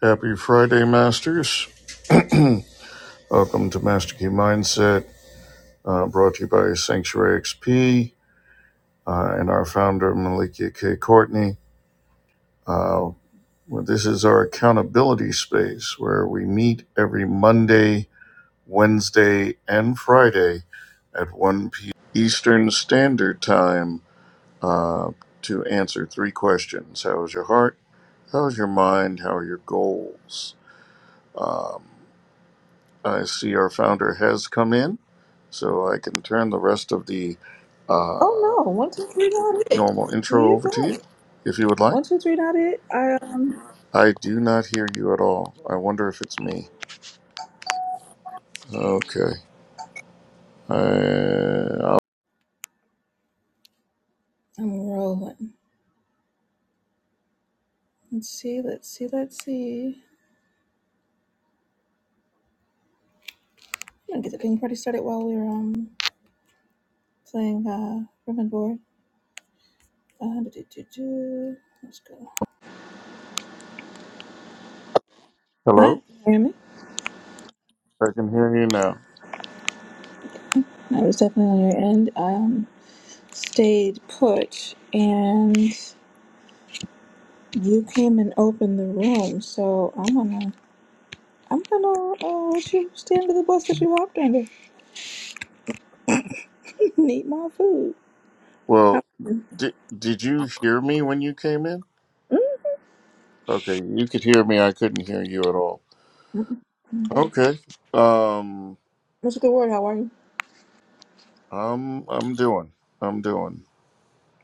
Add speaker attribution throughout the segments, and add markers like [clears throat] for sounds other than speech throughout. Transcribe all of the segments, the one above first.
Speaker 1: Happy Friday, Masters. [clears throat] Welcome to Master Key Mindset, uh, brought to you by Sanctuary XP uh, and our founder, Malikia K. Courtney. Uh, well, this is our accountability space where we meet every Monday, Wednesday, and Friday at 1 p.m. Eastern Standard Time uh, to answer three questions How is your heart? How is your mind? How are your goals? Um, I see our founder has come in, so I can turn the rest of the uh,
Speaker 2: Oh no! One two three not it.
Speaker 1: normal intro
Speaker 2: You
Speaker 1: over to
Speaker 2: got
Speaker 1: you
Speaker 2: it.
Speaker 1: if you would like.
Speaker 2: One two three not it. I um.
Speaker 1: I do not hear you at all. I wonder if it's me. Okay. I, I'll-
Speaker 2: I'm rolling. Let's see. Let's see. Let's see. I'm gonna get the ping party started while we're um playing uh room and board. Uh, do, do, do, do. Let's go. Hi.
Speaker 1: Hello?
Speaker 2: Can you hear me?
Speaker 1: I can hear you now.
Speaker 2: I was definitely on your end. um stayed put, and you came and opened the room. So I'm gonna. I'm gonna uh, let you stand to the bus that you hopped under. [laughs] Need my food. How?
Speaker 1: Well, di- did you hear me when you came in? Okay, you could hear me. I couldn't hear you at all.
Speaker 2: Mm, Oh,
Speaker 1: Okay. Um,
Speaker 2: Mr. Good Word, how are you?
Speaker 1: I'm I'm doing. I'm doing.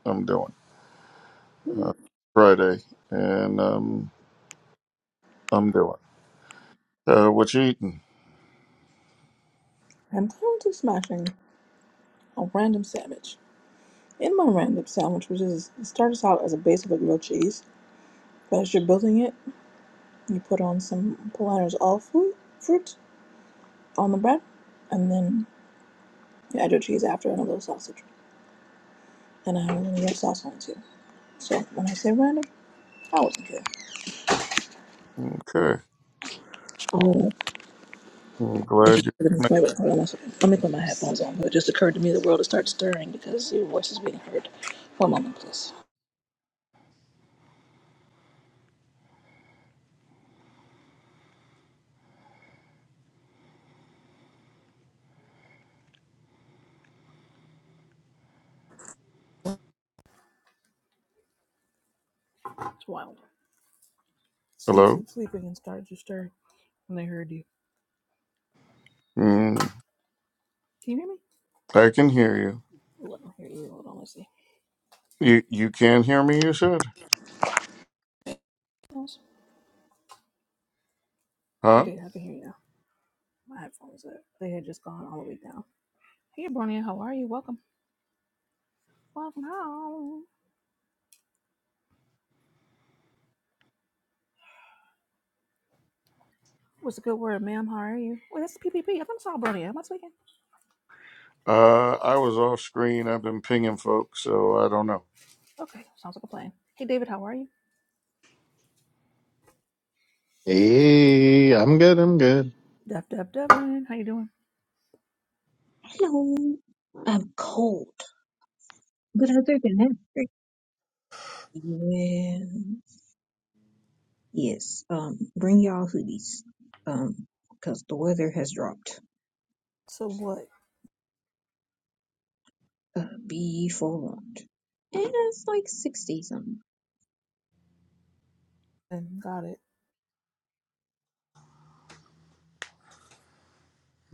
Speaker 1: I'm doing.
Speaker 2: Mm,
Speaker 1: Friday, and um, I'm doing. Uh, what you eating?
Speaker 2: I'm currently smashing a random sandwich. In my random sandwich, which is it starts out as a base of a grilled cheese, but as you're building it, you put on some Palander's all fruit fruit on the bread, and then you add your cheese after and a little sausage. And I have a little red sauce on it too. So when I say random, I wasn't sure.
Speaker 1: Okay.
Speaker 2: Oh,
Speaker 1: Well, I'm
Speaker 2: it
Speaker 1: glad
Speaker 2: just
Speaker 1: you.
Speaker 2: occurred to me. Wait, wait, hold on a second. Let me put my headphones on. But it just occurred to me the world to start stirring because your voice is being heard. One moment, please. It's wild. Sleep,
Speaker 1: Hello.
Speaker 2: sleep, sleeping and start to stir. And I heard you.
Speaker 1: Mm,
Speaker 2: Can you hear me?
Speaker 1: I can hear you.
Speaker 2: Oh, I don't hear you. Hold on, let's see.
Speaker 1: You you can hear me. You said,
Speaker 2: Headphones?
Speaker 1: huh?
Speaker 2: Okay, I can hear you now. My headphones are they had just gone all the way down. Hey Bronia, how are you? Welcome. Welcome home. What's a good word, ma'am? How are you? Wait, that's the PPP. thought I saw Bronia. Am I speaking?
Speaker 1: Uh, I was off screen. I've been pinging folks, so I don't know.
Speaker 2: Okay, sounds like a plan. Hey David, how are you?
Speaker 3: Hey, I'm good. I'm good.
Speaker 2: Def Def Devin, how you doing?
Speaker 4: Hello. I'm cold, but other than that, great. Man, yes. Um, bring y'all hoodies, um, because the weather has dropped.
Speaker 2: So what?
Speaker 4: Uh, be forewarned. And it's like sixty something.
Speaker 2: And got it.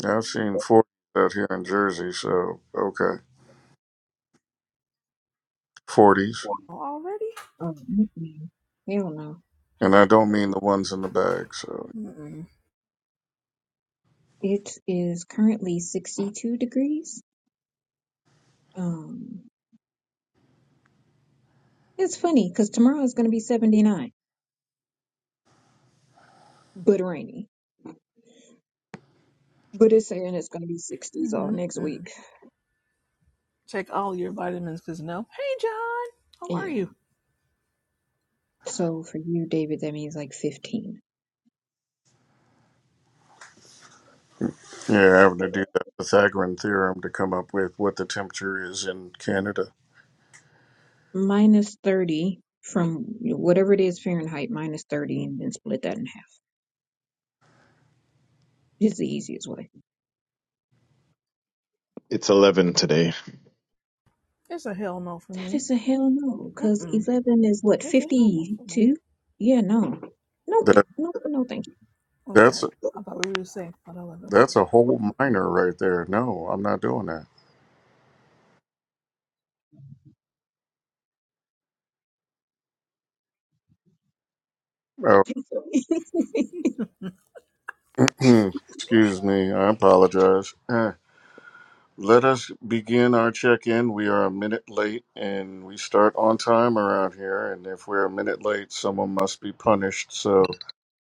Speaker 1: I've seen forties out here in Jersey, so okay, forties,
Speaker 2: Already?
Speaker 4: Oh, mm-mm. hell no.
Speaker 1: and I don't mean the ones in the bag. So
Speaker 2: Mm-mm.
Speaker 4: It is currently sixty-two degrees. Um, it's funny because tomorrow is gonna be seventy-nine, but rainy. But it's saying it's gonna be sixties all next
Speaker 2: Mm-mm.
Speaker 4: week.
Speaker 2: Check all your vitamins, cause no. Hey John, how are
Speaker 4: Yeah.
Speaker 2: you?
Speaker 4: So for you, David, that means like fifteen.
Speaker 1: yeah, having to do that Pythagorean theorem to come up with what the temperature is in Canada.
Speaker 4: minus 30 from whatever it is Fahrenheit, minus 30, and then split that in half. It's the easiest way.
Speaker 3: It's 11 today.
Speaker 2: It's a hell no for
Speaker 4: That
Speaker 2: me.
Speaker 4: is a hell no, because
Speaker 2: Mm-mm.
Speaker 4: 11 is what,
Speaker 2: It's a hell no for me.
Speaker 4: 52? Yeah, no. Nope,
Speaker 1: That
Speaker 4: nope, no, thank you.
Speaker 1: that's
Speaker 2: Okay. I thought we were just saying, but I love it. Okay, great.
Speaker 1: that's a whole
Speaker 2: Mm-mm.
Speaker 1: minor right there. No, I'm not doing that.
Speaker 4: [laughs]
Speaker 1: Hmm, Excuse me, I apologize. Eh. Let us begin our check in. We are a minute late and we start on time around here. And if we're a minute late, someone must be punished. So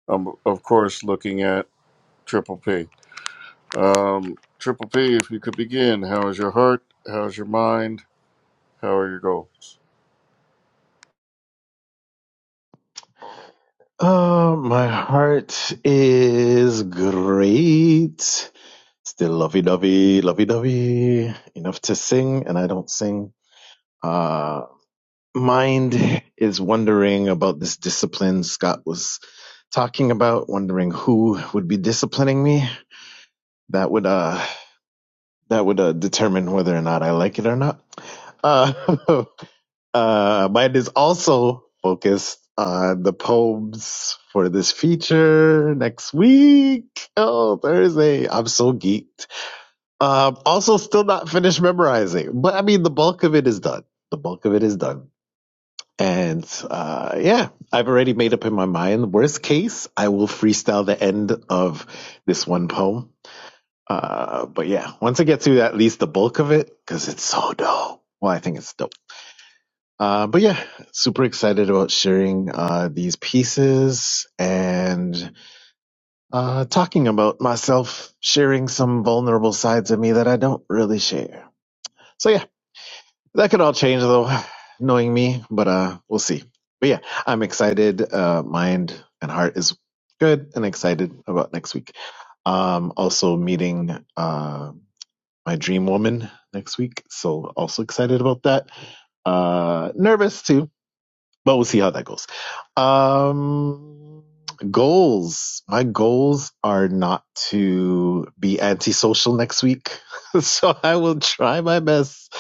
Speaker 1: I'm, of course, looking at Triple P. Um, Triple P, if you could begin, how is your heart? How's your mind? How are your goals?
Speaker 3: Uh, my heart is great. Still lovey-dovey, lovey-dovey. Enough to sing, and I don't sing. Uh, mind is wondering about this discipline Scott was talking about, wondering who would be disciplining me. That would, uh, that would, uh, determine whether or not I like it or not. Uh, [laughs] Uh, mine is also focused on the poems for this feature next week. Oh, Thursday. I'm so geeked. Um, also, still not finished memorizing, but I mean, the bulk of it is done. The bulk of it is done. And uh, yeah, I've already made up in my mind. Worst case, I will freestyle the end of this one poem. Uh, but yeah, once I get through at least the bulk of it, because it's so dope. Well, I think it's dope. Uh, but yeah, super excited about sharing uh, these pieces and uh, talking about myself, sharing some vulnerable sides of me that I don't really share. So yeah, that could all change though, [sighs] knowing me, but uh, we'll see. But yeah, I'm excited. Uh, mind and heart is good and excited about next week. Um, also meeting uh, my dream woman next week. So also excited about that. Uh, nervous too but we'll see how that goes. Um, goals. My goals are not to be antisocial next week, [laughs] so I will try my best.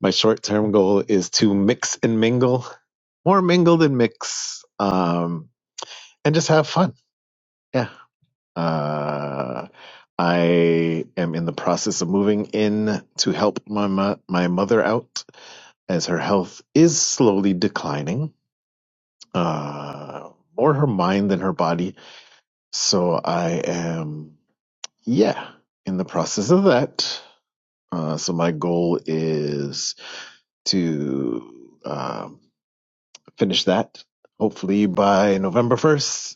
Speaker 3: My short term goal is to mix and mingle, more mingle than mix, um, and just have fun. Yeah. Uh, I am in the process of moving in to help my mo- my mother out as her health is slowly declining uh, more her mind than her body. So I am, yeah, in the process of that. Uh, so my goal is to um, finish that hopefully by November 1st.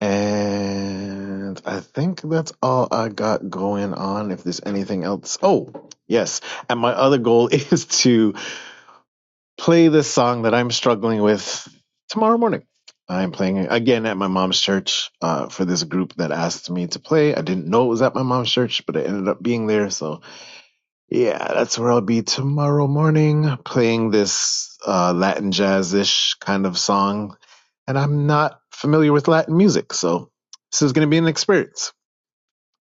Speaker 3: And I think that's all I got going on. If there's anything else, oh, yes. And my other goal [laughs] is to play this song that I'm struggling with tomorrow morning. I'm playing it again at my mom's church uh, for this group that asked me to play. I didn't know it was at my mom's church, but it ended up being there. So, yeah, that's where I'll be tomorrow morning playing this uh, Latin jazz ish kind of song. And I'm not familiar with Latin music, so this is going to be an experience.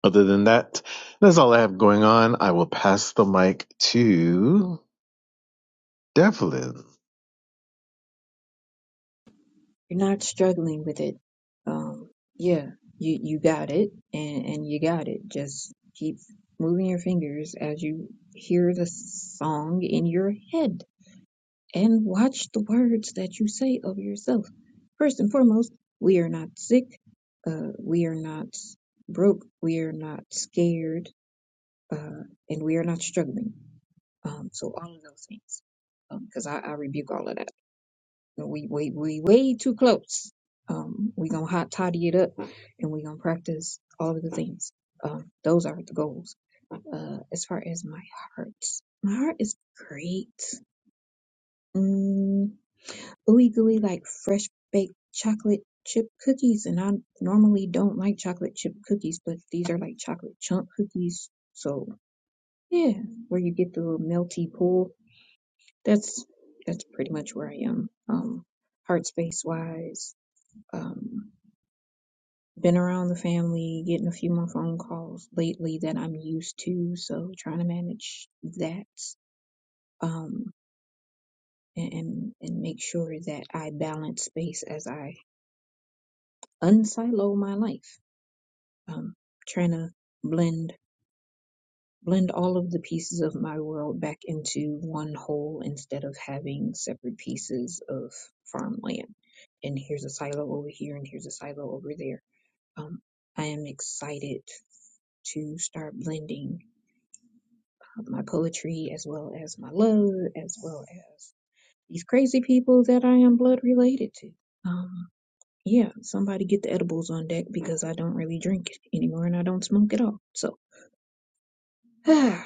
Speaker 3: Other than that, that's all I have going on. I will pass the mic to Devlin.
Speaker 4: You're not struggling with it. Um, yeah, you, you got it, and, and you got it. Just keep moving your fingers as you hear the song in your head. and watch the words that you say of yourself. First and foremost, we are not sick, uh, we are not broke, we are not scared, uh, and we are not struggling. Um, so all of those things, because I, I rebuke all of that. We we we way too close. Um, we gonna hot toddy it up, and we gonna practice all of the things. Um, those are the goals. Uh, as far as my heart, my heart is great. Mm, ooey gooey like fresh baked chocolate chip cookies. And I normally don't like chocolate chip cookies, but these are like chocolate chunk cookies. So yeah, where you get the little melty pool. That's that's pretty much where I am. Um, heart space wise, um, been around the family, getting a few more phone calls lately that I'm used to. So trying to manage that. Um, and and and make sure that I balance space as I unsilo my life. um, trying to blend blend all of the pieces of my world back into one whole instead of having separate pieces of farmland. And here's a silo over here, and here's a silo over there. Um, I am excited to start blending uh, my poetry as well as my love, as well as these crazy people that I am blood related to. Um, yeah, somebody get the edibles on deck because I don't really drink anymore and I don't smoke at all. So, [sighs]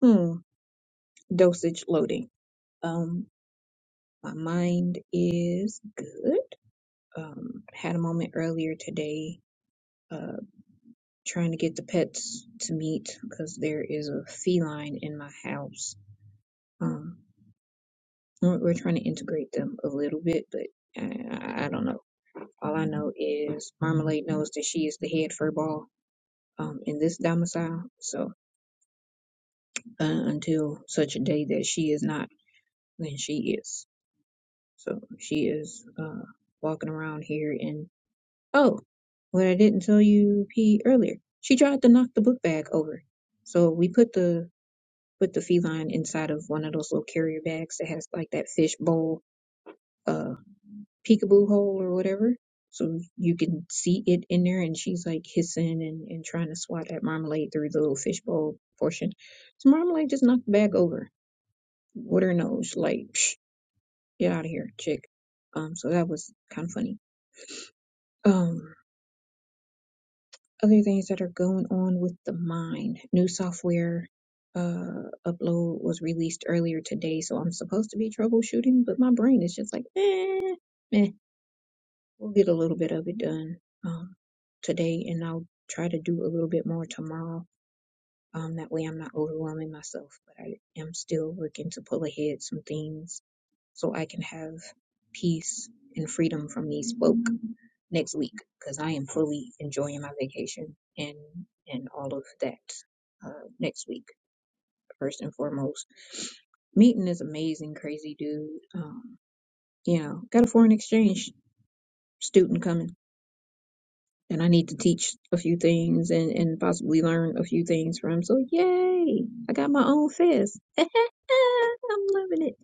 Speaker 4: Hmm. Dosage loading. Um, my mind is good. Um, had a moment earlier today, uh, trying to get the pets to meet because there is a feline in my house. Um, we're we're trying to integrate them a little bit, but I, I I don't know. All I know is Marmalade knows that she is the head furball um, in this domicile. So uh, until such a day that she is not, then she is. So she is uh, walking around here and oh, what I didn't tell you, P earlier. She tried to knock the book bag over. So we put the put the feline inside of one of those little carrier bags that has like that fish bowl uh peekaboo hole or whatever. So you can see it in there and she's like hissing and, and trying to swat at marmalade through the little fish bowl portion. So marmalade just knocked the bag over with her nose, like Psh, get out of here, chick. Um so that was kinda funny um, other things that are going on with the mind. New software uh, upload was released earlier today, so I'm supposed to be troubleshooting, but my brain is just like, eh, eh. We'll get a little bit of it done um, today, and I'll try to do a little bit more tomorrow. Um, that way, I'm not overwhelming myself, but I am still working to pull ahead some things so I can have peace and freedom from these folk. next week because I am fully enjoying my vacation and and all of that uh, next week first and foremost. Meeting this amazing, crazy dude. Um, you know, got a foreign exchange student coming, and I need to teach a few things and and possibly learn a few things from. him. So yay! I got my own fist. [laughs] I'm loving it.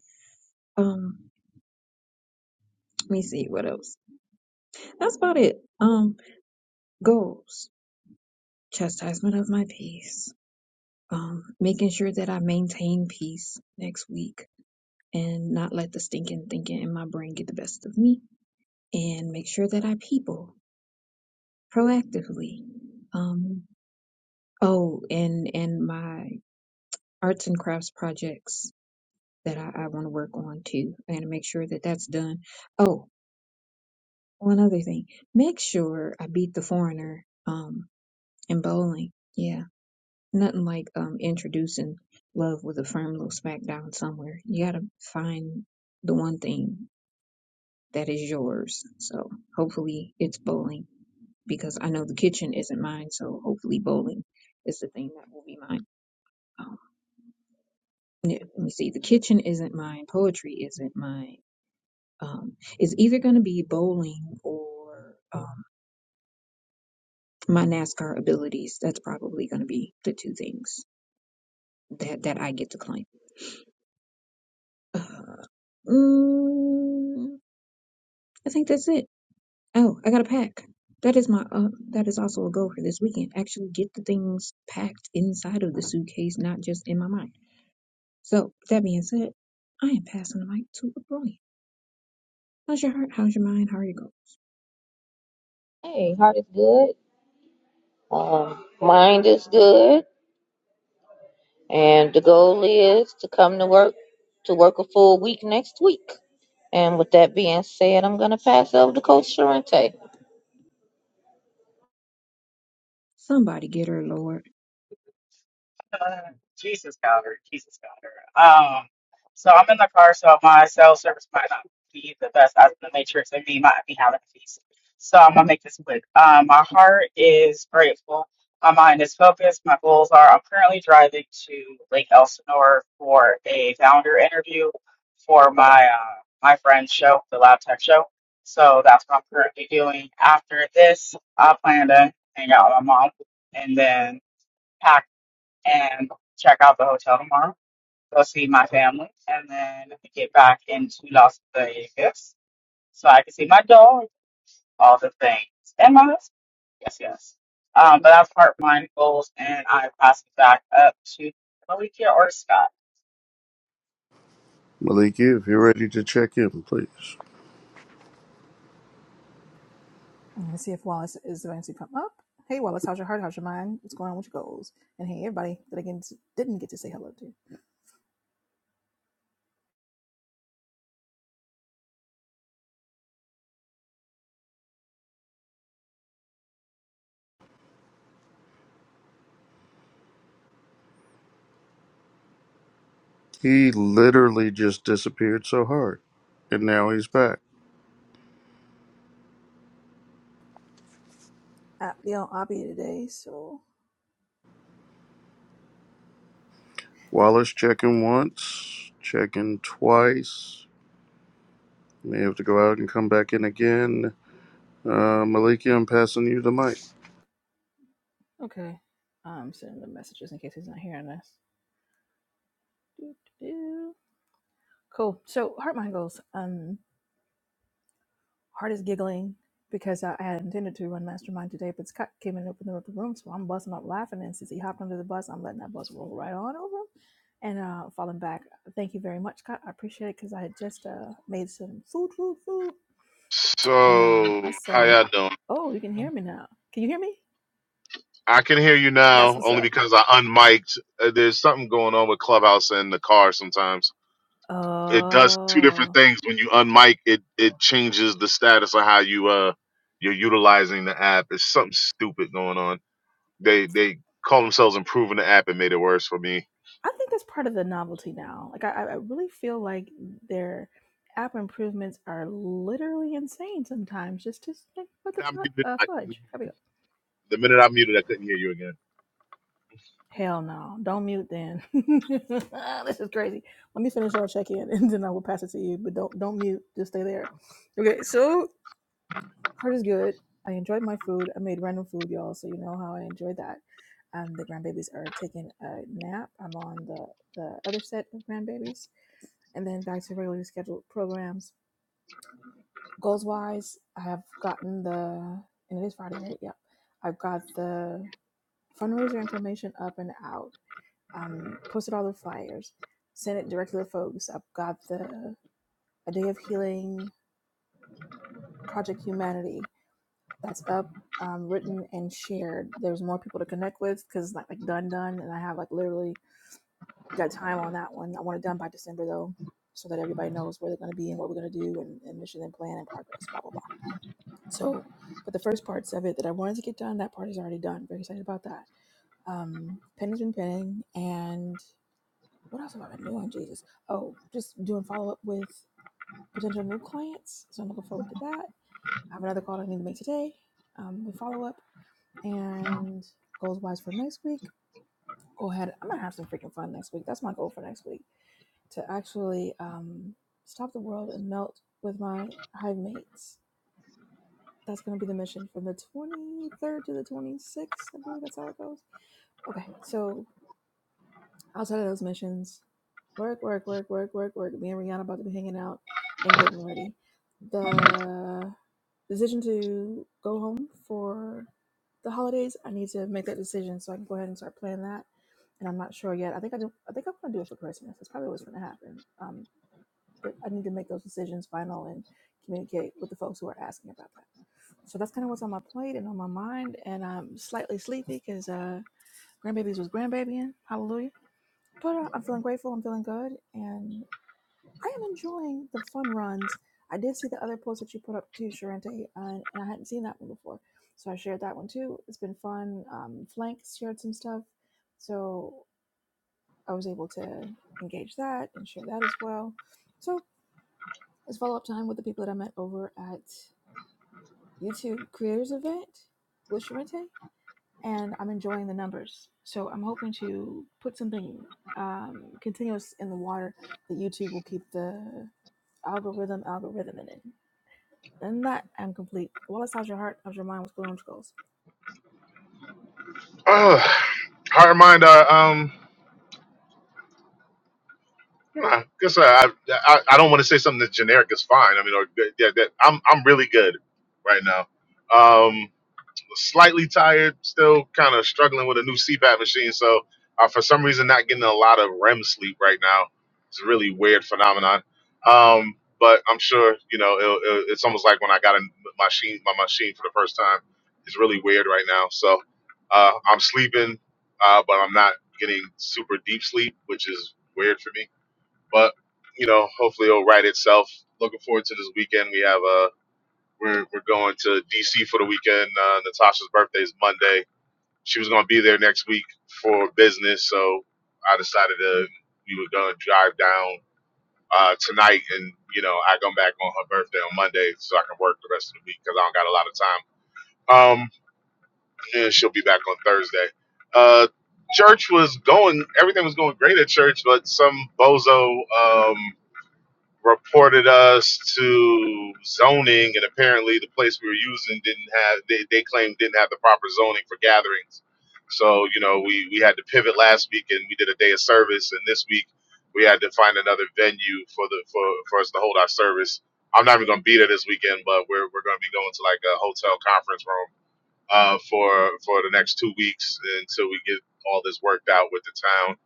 Speaker 4: Um, let me see what else. That's about it. Um, goals. Chastisement of my peace um, making sure that I maintain peace next week and not let the stinking thinking in my brain get the best of me and make sure that I people proactively. Um, oh, and, and my arts and crafts projects that I, I want to work on too I gotta make sure that that's done. Oh, one other thing, make sure I beat the foreigner, um, in bowling. Yeah. Nothing like um introducing love with a firm little smack down somewhere. You gotta find the one thing that is yours. So hopefully it's bowling because I know the kitchen isn't mine. So hopefully bowling is the thing that will be mine. Um, yeah, let me see. The kitchen isn't mine. Poetry isn't mine. Um, it's either gonna be bowling or um, my NASCAR abilities. That's probably gonna be the two things that that I get to claim. Uh, mm, I think that's it. Oh, I got to pack. That is my uh, that is also a goal for this weekend. Actually, get the things packed inside of the suitcase, not just in my mind. So, with that being said, I am passing the mic to Abronia. How's your heart? How's your mind? How are you going?
Speaker 5: Hey, heart is good. Um, mind is good, and the goal is to come to work to work a full week next week. And with that being said, I'm gonna pass over to Coach Sharente.
Speaker 4: Somebody get her, Lord.
Speaker 6: Uh, Jesus got her. Jesus got her. Um, so I'm in the car, so my cell service might not be the best out of the matrix, and me might be having a feast. So I'm gonna make this quick. Um, my heart is grateful. My mind is focused. My goals are. I'm currently driving to Lake Elsinore for a founder interview for my uh, my friend's show, the Lab Tech Show. So that's what I'm currently doing. After this, I plan to hang out with my mom and then. pack and check out the hotel tomorrow, go see my family, and then get back into Las Vegas so I can see my dog, all the things, and my husband. Yes, yes. Um, but that's part of my goals, and I pass it back up to Malikia or Scott.
Speaker 1: Maliki, if you're ready to check in, please.
Speaker 2: Let me see if Wallace is ready to come up. Hey, Wallace, how's your heart? How's your mind? What's going on with your goals? And hey, everybody that I didn't didn't get to say hello to.
Speaker 1: He literally just disappeared so hard and now he's back.
Speaker 2: I'll be on Abby today, so.
Speaker 1: Wallace checking once, checking twice. May have to go out and come back in again. Uh, Maliki, I'm passing you the mic.
Speaker 2: Okay. I'm sending the messages in case he's not hearing us. Doo, doo, doo. Cool. So, heart mind goals. Um, Heart is giggling because I I had intended to run Mastermind today, but Scott came in and opened up the room, so I'm busting up laughing. And since he hopped under the bus, I'm letting that bus roll right on over him and uh, falling back. Thank you very much, Scott. I appreciate it because I had just uh, made some food, food, food. And um, I
Speaker 7: So, how
Speaker 2: said,
Speaker 7: y'all doing?
Speaker 2: Oh, you can hear me now. Can you hear me?
Speaker 7: I can hear you
Speaker 2: That's
Speaker 7: now
Speaker 2: what's
Speaker 7: only
Speaker 2: up.
Speaker 7: because I unmiked. Uh, There's something going on with Clubhouse and the car sometimes. It does two different
Speaker 2: Oh.
Speaker 7: things when you unmic. It it changes the status of how you uh you're utilizing the app. It's something stupid going on. They they call themselves improving the app and made it worse for me.
Speaker 2: I think that's part of the novelty now. Like I, I really feel like their app improvements are literally insane sometimes. Just just like what the
Speaker 7: I muted.
Speaker 2: fu- uh,
Speaker 7: I couldn't,
Speaker 2: fudge? Here we go.
Speaker 7: the minute I muted, I couldn't hear you again.
Speaker 2: Hell no! Don't mute then. [laughs] this is crazy. Let me finish our check in [laughs] and then I will pass it to you. But don't don't mute. Just stay there. Okay. So heart is good. I enjoyed my food. I made random food, y'all. So you know how I enjoyed that. Um, the grandbabies are taking a nap. I'm on the the other set of grandbabies. and then back to regularly scheduled programs. Goals wise, I have gotten the and it is Friday, right? Yep. I've got the fundraiser information up and out. Um, posted all the flyers, sent it directly to folks. I've got the a day of healing project humanity that's up, um, written and shared. There's more people to connect with because it's not like done done, and I have like literally got time on that one. I want it done by December though, so that everybody knows where they're going to be and what we're going to do and, and mission and plan and progress. Blah blah blah So, but the first parts of it that I wanted to get done, that part is already done. Very excited about that. Um, penning has been penning, and what else have I been doing? Jesus. Oh, just doing follow up with potential new clients. So I'm looking forward to that. I have another call I need to make today um, with follow up and goals wise for next week. Go ahead. I'm gonna have some freaking fun next week. That's my goal for next week to actually um, stop the world and melt with my hive mates That's going to be the mission from the 23rd to the 26th. I believe that's how it goes. Okay, so outside of those missions, work, work, work, work, work, work. Me and Rihanna about to be hanging out and getting ready. The decision to go home for the holidays, I need to make that decision so I can go ahead and start planning that. And I'm not sure yet. I think I do. I think I'm gonna do it for Christmas. That's probably what's gonna happen. Um, but I need to make those decisions final and communicate with the folks who are asking about that. So that's kind of what's on my plate and on my mind. And I'm slightly sleepy because uh, grandbabies was grandbabying. Hallelujah. But uh, I'm feeling grateful. I'm feeling good. And I am enjoying the fun runs. I did see the other post that you put up too, Sharente, and, and I hadn't seen that one before. So I shared that one too. It's been fun. Um, Flank shared some stuff. So I was able to engage that and share that as well. So it's follow up time with the people that I met over at YouTube Creators Event with Sharente and I'm enjoying the numbers. So I'm hoping to put something um, continuous in the water that YouTube will keep the algorithm algorithm in. And that I'm complete. Wallace, how's your heart? How's your mind? What's going on with
Speaker 7: Ugh. Heart and mind. Uh, um. Nah, guess I, I I don't want to say something that's generic is fine. I mean, or good- yeah, that I'm I'm really good right now. Um, slightly tired, still kind of struggling with a new CPAP machine, so uh, for some reason not getting a lot of REM sleep right now. It's a really weird phenomenon. Um, but I'm sure you know it'll, it'll, it's almost like when I got a machine my machine for the first time. It's really weird right now, so uh, I'm sleeping, uh, but I'm not getting super deep sleep, which is weird for me but you know, hopefully it'll right itself. Looking forward to this weekend. We have a we're we're going to DC for the weekend. Uh, Natasha's birthday is Monday. She was going to be there next week for business, so I decided to we were going to drive down uh, tonight, and you know, I come back on her birthday on Monday, so I can work the rest of the week because I don't got a lot of time. Um, and she'll be back on Thursday. Uh, church was going, everything was going great at church, but some bozo. Um, reported us to zoning, and apparently the place we were using didn't have they, they claimed didn't have the proper zoning for gatherings. So you know we we had to pivot last week, and we did a day of service, and this week we had to find another venue for the for, for us to hold our service. I'm not even going to be there this weekend, but we're we're going to be going to like a hotel conference room uh, for for the next two weeks until we get all this worked out with the town.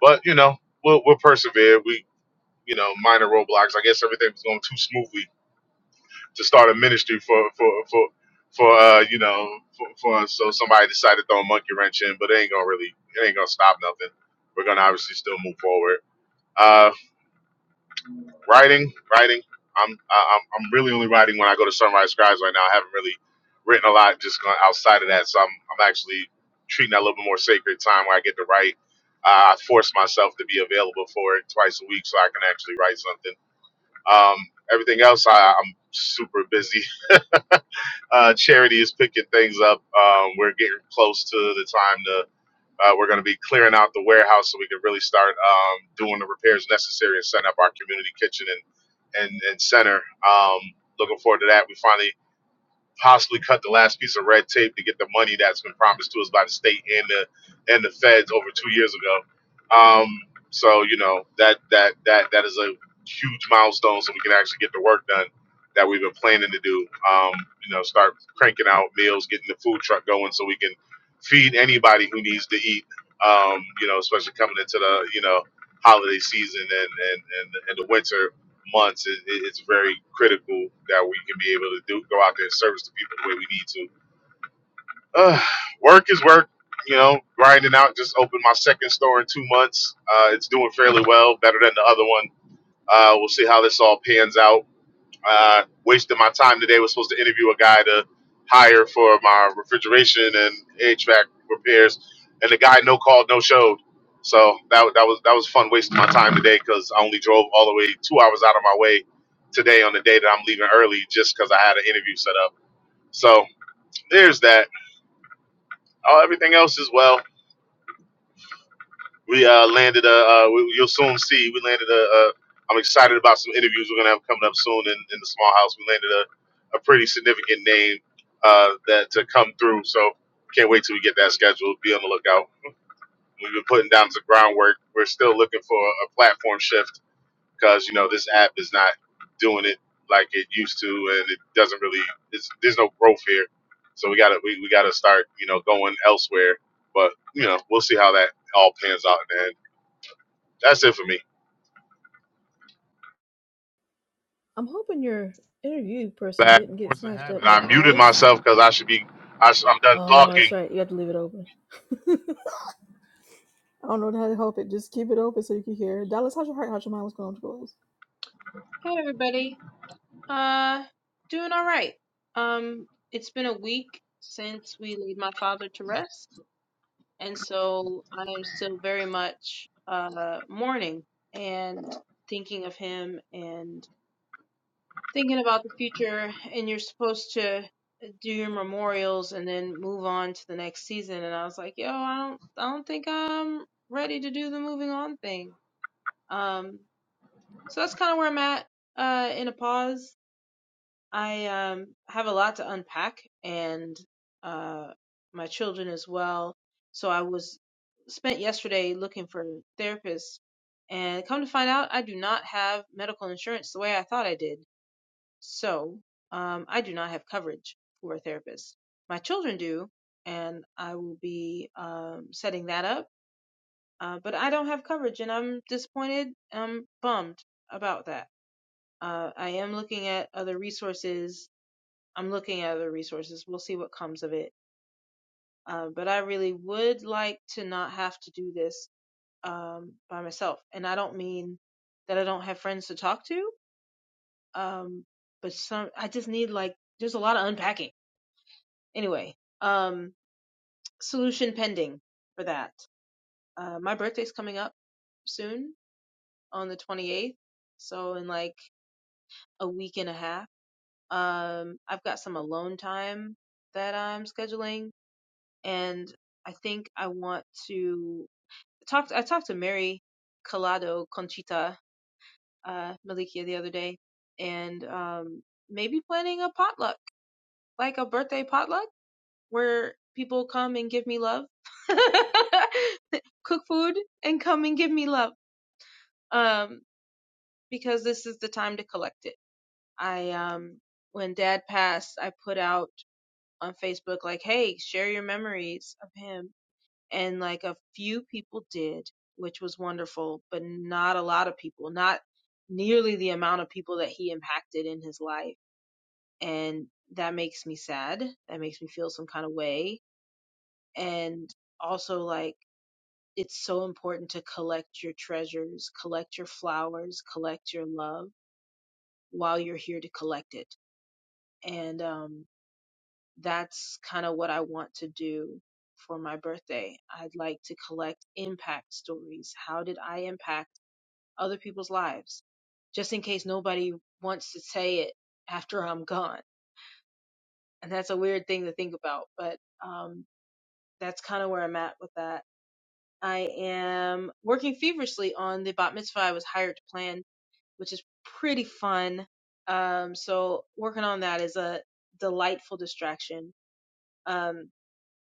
Speaker 7: But you know we'll we'll persevere. We you know, minor roadblocks. I guess everything was going too smoothly to start a ministry for for for for uh, you know for, for so somebody decided to throw a monkey wrench in, but it ain't gonna really it ain't gonna stop nothing. We're gonna obviously still move forward. Uh, writing, writing. I'm I- I'm I'm really only writing when I go to Sunrise Scribes right now. I haven't really written a lot just gone outside of that, so I'm I'm actually treating that a little bit more sacred time where I get to write. Uh, I force myself to be available for it twice a week so I can actually write something um, everything else, I, I'm super busy. [laughs] Uh, charity is picking things up. Um, we're getting close to the time to. Uh, we're going to be clearing out the warehouse so we can really start um, doing the repairs necessary and setting up our community kitchen and and, and center. Um, looking forward to that. We finally possibly cut the last piece of red tape to get the money that's been promised to us by the state and the and the feds over two years ago. Um, so you know that that that that is a huge milestone, so we can actually get the work done that we've been planning to do. Um, you know, start cranking out meals, getting the food truck going, so we can feed anybody who needs to eat. Um, you know, especially coming into the you know holiday season and and and, and the winter months, it, it, it's very critical that we can be able to do go out there and service the people the way we need to. Uh, work is work, you know. Grinding out. Just opened my second store in two months. Uh, it's doing fairly well, better than the other one. Uh, we'll see how this all pans out uh, wasted my time today. Was supposed to interview a guy to hire for my refrigeration and HVAC repairs, and the guy no called, no showed. So that that was that was fun wasting my time today because I only drove all the way two hours out of my way today on the day that I'm leaving early just because I had an interview set up. So there's that. Oh, everything else is well. We uh, landed a. Uh, we, you'll soon see. We landed a. a I'm excited about some interviews we're gonna have coming up soon in, in the small house. We landed a, a pretty significant name uh, that to come through. So can't wait till we get that scheduled. Be on the lookout. We've been putting down some groundwork. We're still looking for a platform shift because you know this app is not doing it like it used to, and it doesn't really. It's, there's no growth here, so we gotta we, we gotta start you know going elsewhere. But you know we'll see how that all pans out in the end. That's it for me.
Speaker 2: I'm hoping your interview person
Speaker 7: Bad
Speaker 2: didn't get
Speaker 7: force of
Speaker 2: snatched
Speaker 7: habit.
Speaker 2: up by
Speaker 7: I muted
Speaker 2: ICE.
Speaker 7: myself because I should be. I sh- I'm done
Speaker 2: Oh, that's
Speaker 7: talking.
Speaker 2: right. You have to leave it open. [laughs] I don't know how to help it. Just keep it open so you can hear. Dallas, how's your heart? How's your mind? What's going on with
Speaker 8: Hey everybody. Uh doing all right. Um it's been a week since we laid my father to rest, and so I am still very much uh mourning and thinking of him and thinking about the future and you're supposed to do your memorials and then move on to the next season and I was like, "Yo, I don't I don't think I'm ready to do the moving on thing." Um so that's kind of where I'm at uh in a pause I um, have a lot to unpack and uh, my children as well. So I was spent yesterday looking for therapists and come to find out I do not have medical insurance the way I thought I did. So um, I do not have coverage for a therapist. My children do, and I will be um, setting that up. Uh, but I don't have coverage and I'm disappointed. I'm bummed about that. Uh, I am looking at other resources I'm looking at other resources. We'll see what comes of it. Uh, but I really would like to not have to do this um, by myself. And I don't mean that I don't have friends to talk to, um, but some I just need like there's a lot of unpacking. Anyway, um, solution pending for that. Uh, my birthday's coming up soon on the 28th, so in like a week and a half. Um, I've got some alone time that I'm scheduling and I think I want to talk. I talked to Mary Collado Conchita uh, Malikia the other day, and um, maybe planning a potluck, like a birthday potluck, where people come and give me love, [laughs] cook food, and come and give me love. Um, because this is the time to collect it. I um, when Dad passed, I put out on Facebook like, "Hey, share your memories of him." and like a few people did, which was wonderful, but not a lot of people, not nearly the amount of people that he impacted in his life. And that makes me sad. That makes me feel some kind of way. And also, like, it's so important to collect your treasures, collect your flowers, collect your love while you're here to collect it. And, um, that's kind of what I want to do for my birthday. I'd like to collect impact stories. How did I impact other people's lives? Just in case nobody wants to say it after I'm gone. And that's a weird thing to think about, but um, that's kind of where I'm at with that. I am working feverishly on the bat mitzvah I was hired to plan, which is pretty fun. Um, so working on that is a delightful distraction. Um,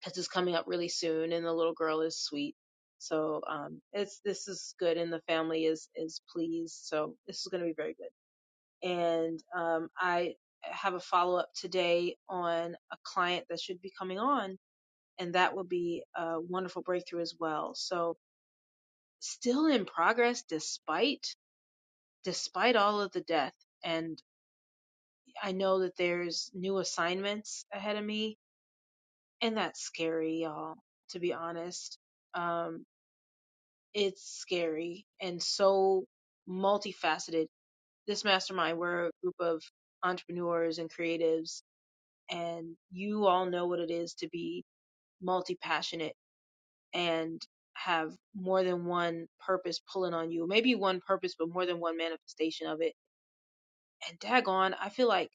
Speaker 8: because it's coming up really soon and the little girl is sweet so um it's this is good and the family is is pleased so this is going to be very good and um i have a follow-up today on a client that should be coming on and that will be a wonderful breakthrough as well so still in progress despite despite all of the death and i know that there's new assignments ahead of me and that's scary y'all to be honest um, it's scary and so multifaceted. This mastermind, we're a group of entrepreneurs and creatives, and you all know what it is to be multi passionate and have more than one purpose pulling on you. Maybe one purpose, but more than one manifestation of it. And daggone, I feel like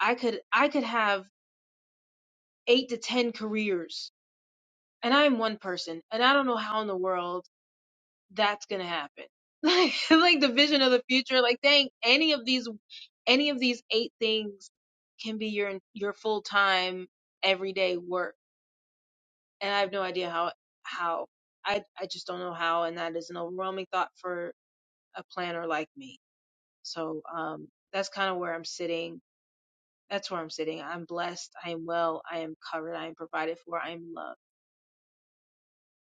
Speaker 8: I could I could have eight to ten careers, and I'm one person, and I don't know how in the world that's gonna happen. [laughs] Like, like the vision of the future, like dang, any of these, any of these eight things can be your your full time everyday work. And I have no idea how how I I just don't know how, and that is an overwhelming thought for a planner like me. So um, that's kind of where I'm sitting. That's where I'm sitting. I'm blessed. I am well. I am covered. I am provided for. I am loved,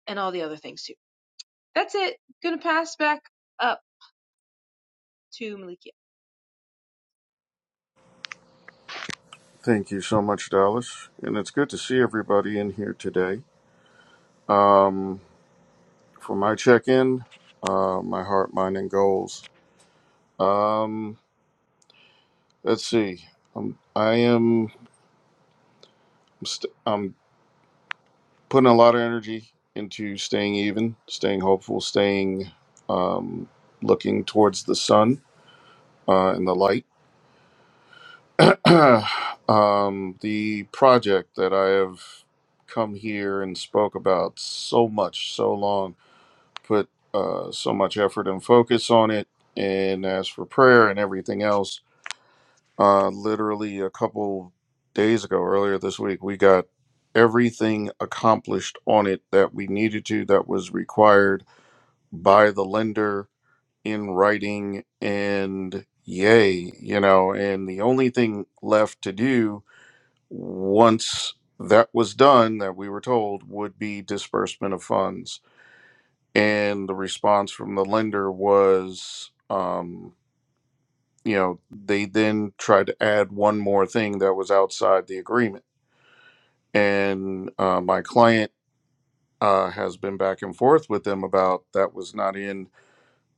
Speaker 8: and all the other things too. That's it. Gonna pass back up to Malika.
Speaker 1: Thank you so much, Dallas. And it's good to see everybody in here today. Um, for my check in, uh, my heart, mind, and goals. Um, let's see. Um, I am st- I'm putting a lot of energy into staying even, staying hopeful, staying um, looking towards the sun uh, and the light [clears throat] um, the project that I have come here and spoke about so much, so long, put uh, so much effort and focus on it, and as for prayer and everything else, uh, literally a couple days ago, earlier this week, we got everything accomplished on it that we needed to, that was required by the lender in writing, and yay, you know, and the only thing left to do once that was done that we were told would be disbursement of funds and the response from the lender was um, you know they then tried to add one more thing that was outside the agreement and uh, my client uh, has been back and forth with them about that was not in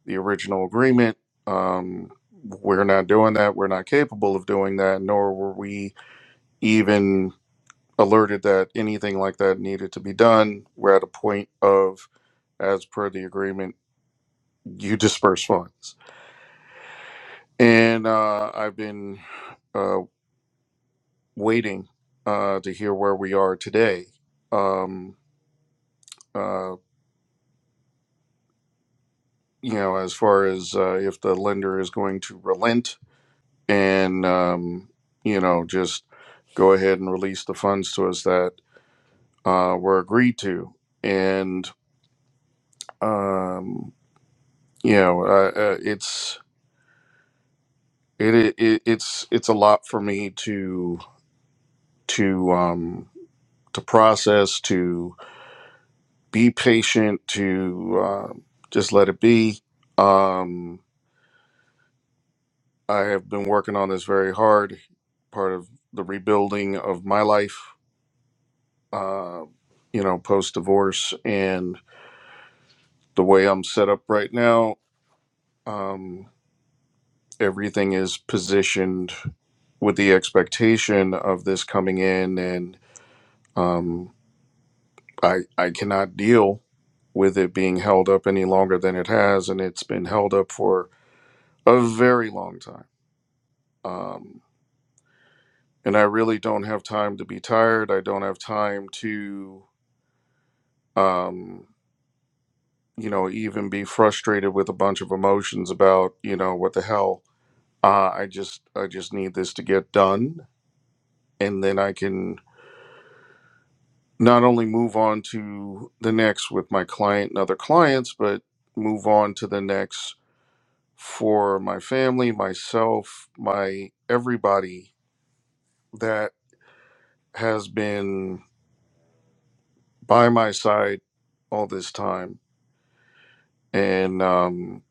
Speaker 1: the original agreement um, we're not doing that we're not capable of doing that nor were we even alerted that anything like that needed to be done. We're at a point of, as per the agreement, you disperse funds. And uh, I've been uh, waiting uh, to hear where we are today. Um, uh, you know, as far as uh, if the lender is going to relent and, um, you know, just go ahead and release the funds to us that uh, were agreed to. And, um, you know, uh, uh, it's, It, it it's it's a lot for me to to um to process to be patient to uh, just let it be. Um, I have been working on this very hard. Part of the rebuilding of my life, uh, you know, post divorce and the way I'm set up right now. Um, everything is positioned with the expectation of this coming in and Um, I I cannot deal with it being held up any longer than it has, and it's been held up for a very long time. Um, and I really don't have time to be tired. I don't have time to, um, you know, even be frustrated with a bunch of emotions about, you know, what the hell. Uh, I just I just need this to get done, and then I can not only move on to the next with my client and other clients, but move on to the next for my family, myself, my everybody that has been by my side all this time. And um,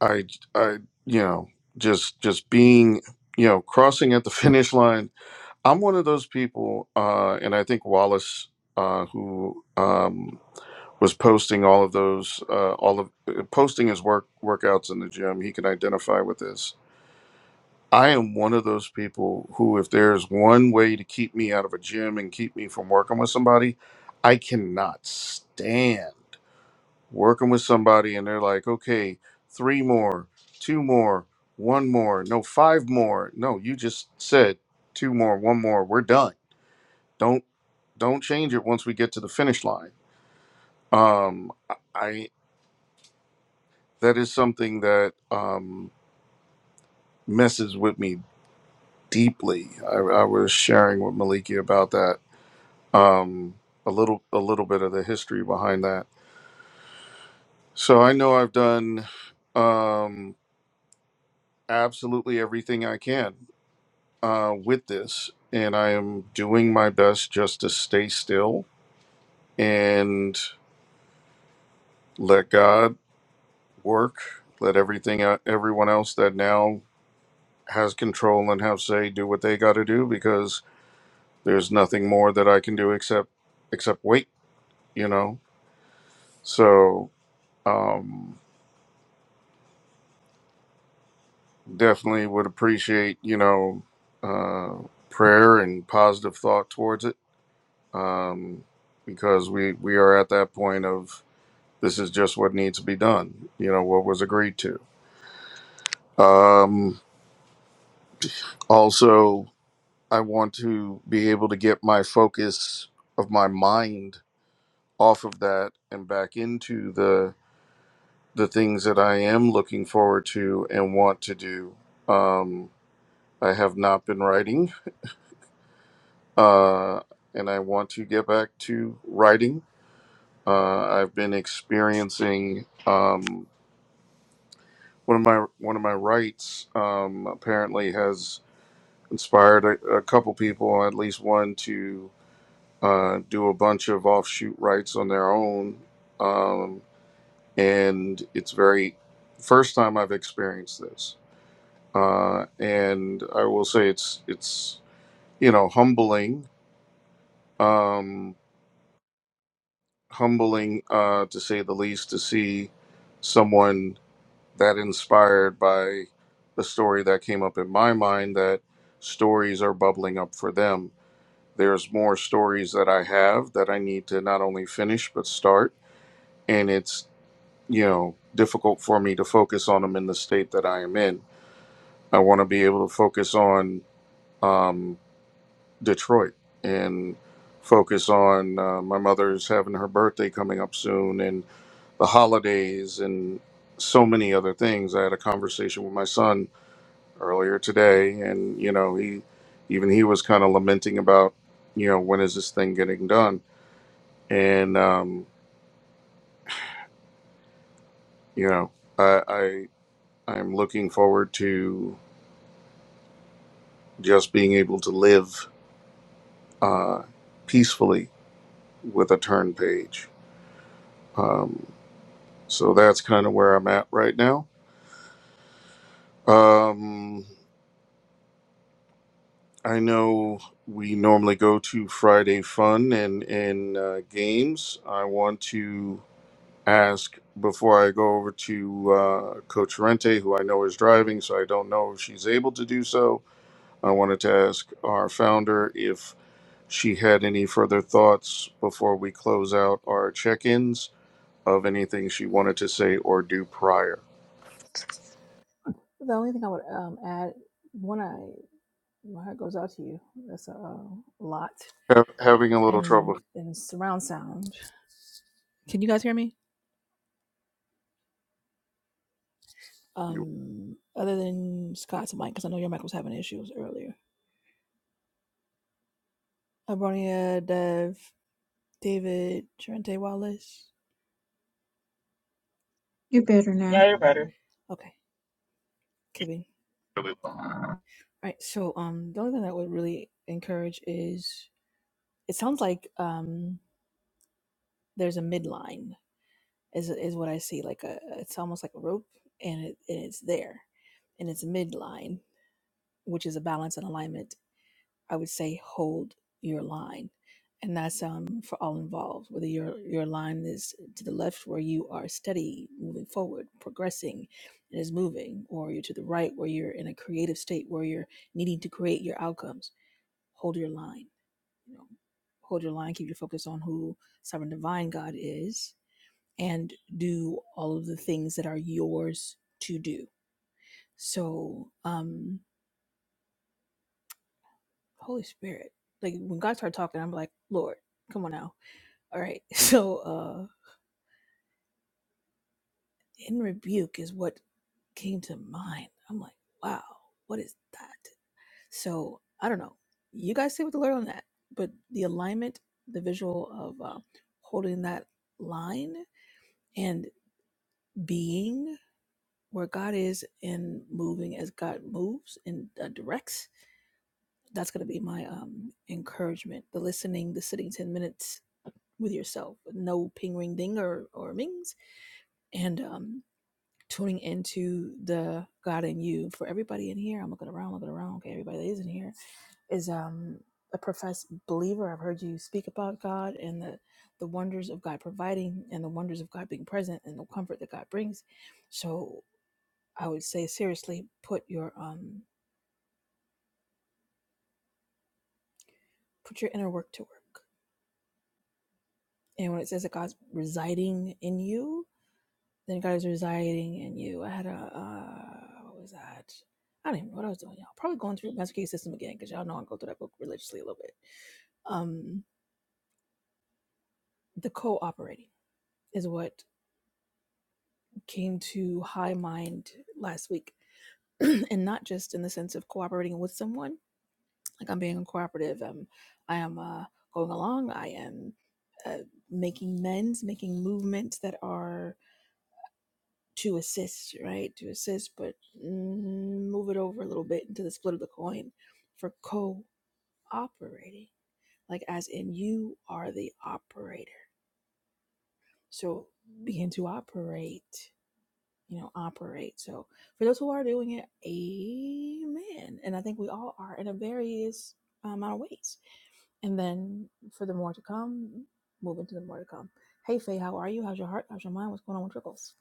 Speaker 1: I, I, you know, just just being, you know, crossing at the [laughs] finish line. I'm one of those people, uh, and I think Wallace, uh, who um, was posting all of those, uh, all of uh, posting his work workouts in the gym, he can identify with this I am one of those people who, if there's one way to keep me out of a gym and keep me from working with somebody, I cannot stand working with somebody and they're like, okay, three more, two more, one more, no, five more. No, you just said two more, one more, we're done. Don't don't change it once we get to the finish line. Um, I that is something that um, messes with me deeply. I, I was sharing with Maliki about that um, a little a little bit of the history behind that. So I know I've done um, absolutely everything I can uh, with this, and I am doing my best just to stay still and let God work. Let everything uh, everyone else that now has control and have say do what they got to do because there's nothing more that I can do except except wait. You know, so. Um, Definitely would appreciate, you know, uh, prayer and positive thought towards it, um, because we we are at that point of this is just what needs to be done. You know, what was agreed to. Um, also, I want to be able to get my focus of my mind off of that and back into the the things that I am looking forward to and want to do. Um, I have not been writing uh, and I want to get back to writing. Uh, I've been experiencing um, one of my one of my writes um, apparently has inspired a, a couple people, at least one, to uh, do a bunch of offshoot writes on their own, um, and it's very first time I've experienced this, uh, and I will say it's it's you know humbling. Um, humbling, uh, to say the least, to see someone that inspired by the story that came up in my mind that stories are bubbling up for them. There's more stories that I have that I need to not only finish but start. And it's, you know, difficult for me to focus on them in the state that I am in. I want to be able to focus on um, Detroit and focus on uh, my mother's having her birthday coming up soon and. the holidays and so many other things. I had a conversation with my son earlier today, and you know, he even he was kind of lamenting about, you know, when is this thing getting done? And um, you know, I, I I'm looking forward to just being able to live uh, peacefully with a turn page. Um, so that's kind of where I'm at right now. Um, I know we normally go to Friday Fun and and uh, games. I want to ask before I go over to uh, Coach Rente, who I know is driving, so I don't know if she's able to do so. I wanted to ask our founder if she had any further thoughts before we close out our check-ins of anything she wanted to say or do prior.
Speaker 2: The only thing I would um, add, when I my heart goes out to you. That's a uh, lot.
Speaker 1: Ha- having a little
Speaker 2: and
Speaker 1: trouble.
Speaker 2: and surround sound. Can you guys hear me?
Speaker 1: You-
Speaker 2: Um, other than Scott's mic, because I know your mic was having issues earlier. Abronia, Dev, David, Trente Wallace.
Speaker 4: You're better now.
Speaker 6: Yeah, you're better.
Speaker 2: Okay, KB. All
Speaker 7: I'm
Speaker 2: right. So, um, the only thing that would really encourage is it sounds like um there's a midline is is what I see. Like a it's almost like a rope, and it and it's there, and it's midline, which is a balance and alignment I would say hold your line. And that's um, for all involved, whether your, your line is to the left where you are steady, moving forward, progressing, and is moving, or you're to the right where you're in a creative state where you're needing to create your outcomes. Hold your line. You know, hold your line, keep your focus on who sovereign divine God is, and do all of the things that are yours to do. So, um, Holy Spirit, like when God started talking, I'm like, Lord, come on now All right. [laughs] So uh in rebuke is what came to mind. I'm like, wow, what is that? So I don't know. You guys say what the Lord on that, but the alignment, the visual of uh, holding that line and being where God is and moving as God moves and uh, directs. That's going to be my um, encouragement. The listening, the sitting 10 minutes with yourself, no ping, ring, ding, or, or mings. And um, tuning into the God in you. For everybody in here, I'm looking around, looking around. Okay, everybody that is in here is um a professed believer. I've heard you speak about God and the the wonders of God providing and the wonders of God being present and the comfort that God brings. So I would say seriously, put your um put your inner work to work. And when it says that God's residing in you, Then God is residing in you. I had a, uh, what was that? I don't even know what I was doing, y'all. Probably going through the Master Key System again, because y'all know I go through that book religiously a little bit. Um, the cooperating is what came to high mind last week. [clears throat] and not just in the sense of cooperating with someone, like I'm being cooperative, um, I am uh, going along, I am uh, making mends, making movements that are to assist, right? To assist, but mm, move it over a little bit into the split of the coin for co-operating, like as in you are the operator. So begin to operate, you know, operate. So for those who are doing it, amen. And I think we all are in a various uh, amount of ways. And then for the more to come, move into the more to come. Hey Faye, how are you? How's your heart? How's your mind? What's going on with your goals?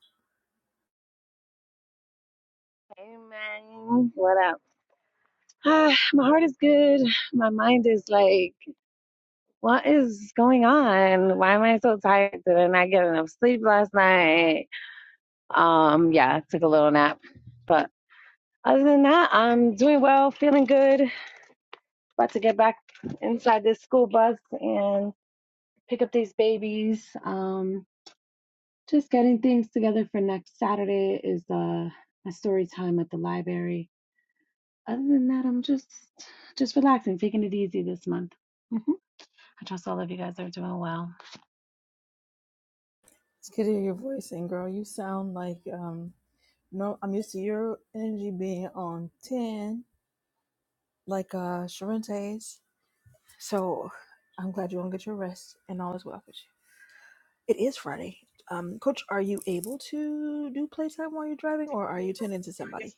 Speaker 9: Amen. What up? Ah, my heart is good. My mind is like, what is going on? Why am I so tired? Did I not get enough sleep last night? Um, yeah, took a little nap. But other than that, I'm doing well, feeling good. About to get back inside this school bus and pick up these babies. Um, just getting things together for next Saturday is uh, a story time at the library Other than that, I'm just just relaxing, taking it easy this month. hmm I trust all of you guys are doing well.
Speaker 2: It's good to hear your voice, and girl, you sound like um No, I'm used to your energy being on 10, like uh Sharente's. So I'm glad you're gonna get your rest and all is well with you. It is Friday. Um, Coach, are you able to do playtime while you're driving or are you tending to somebody?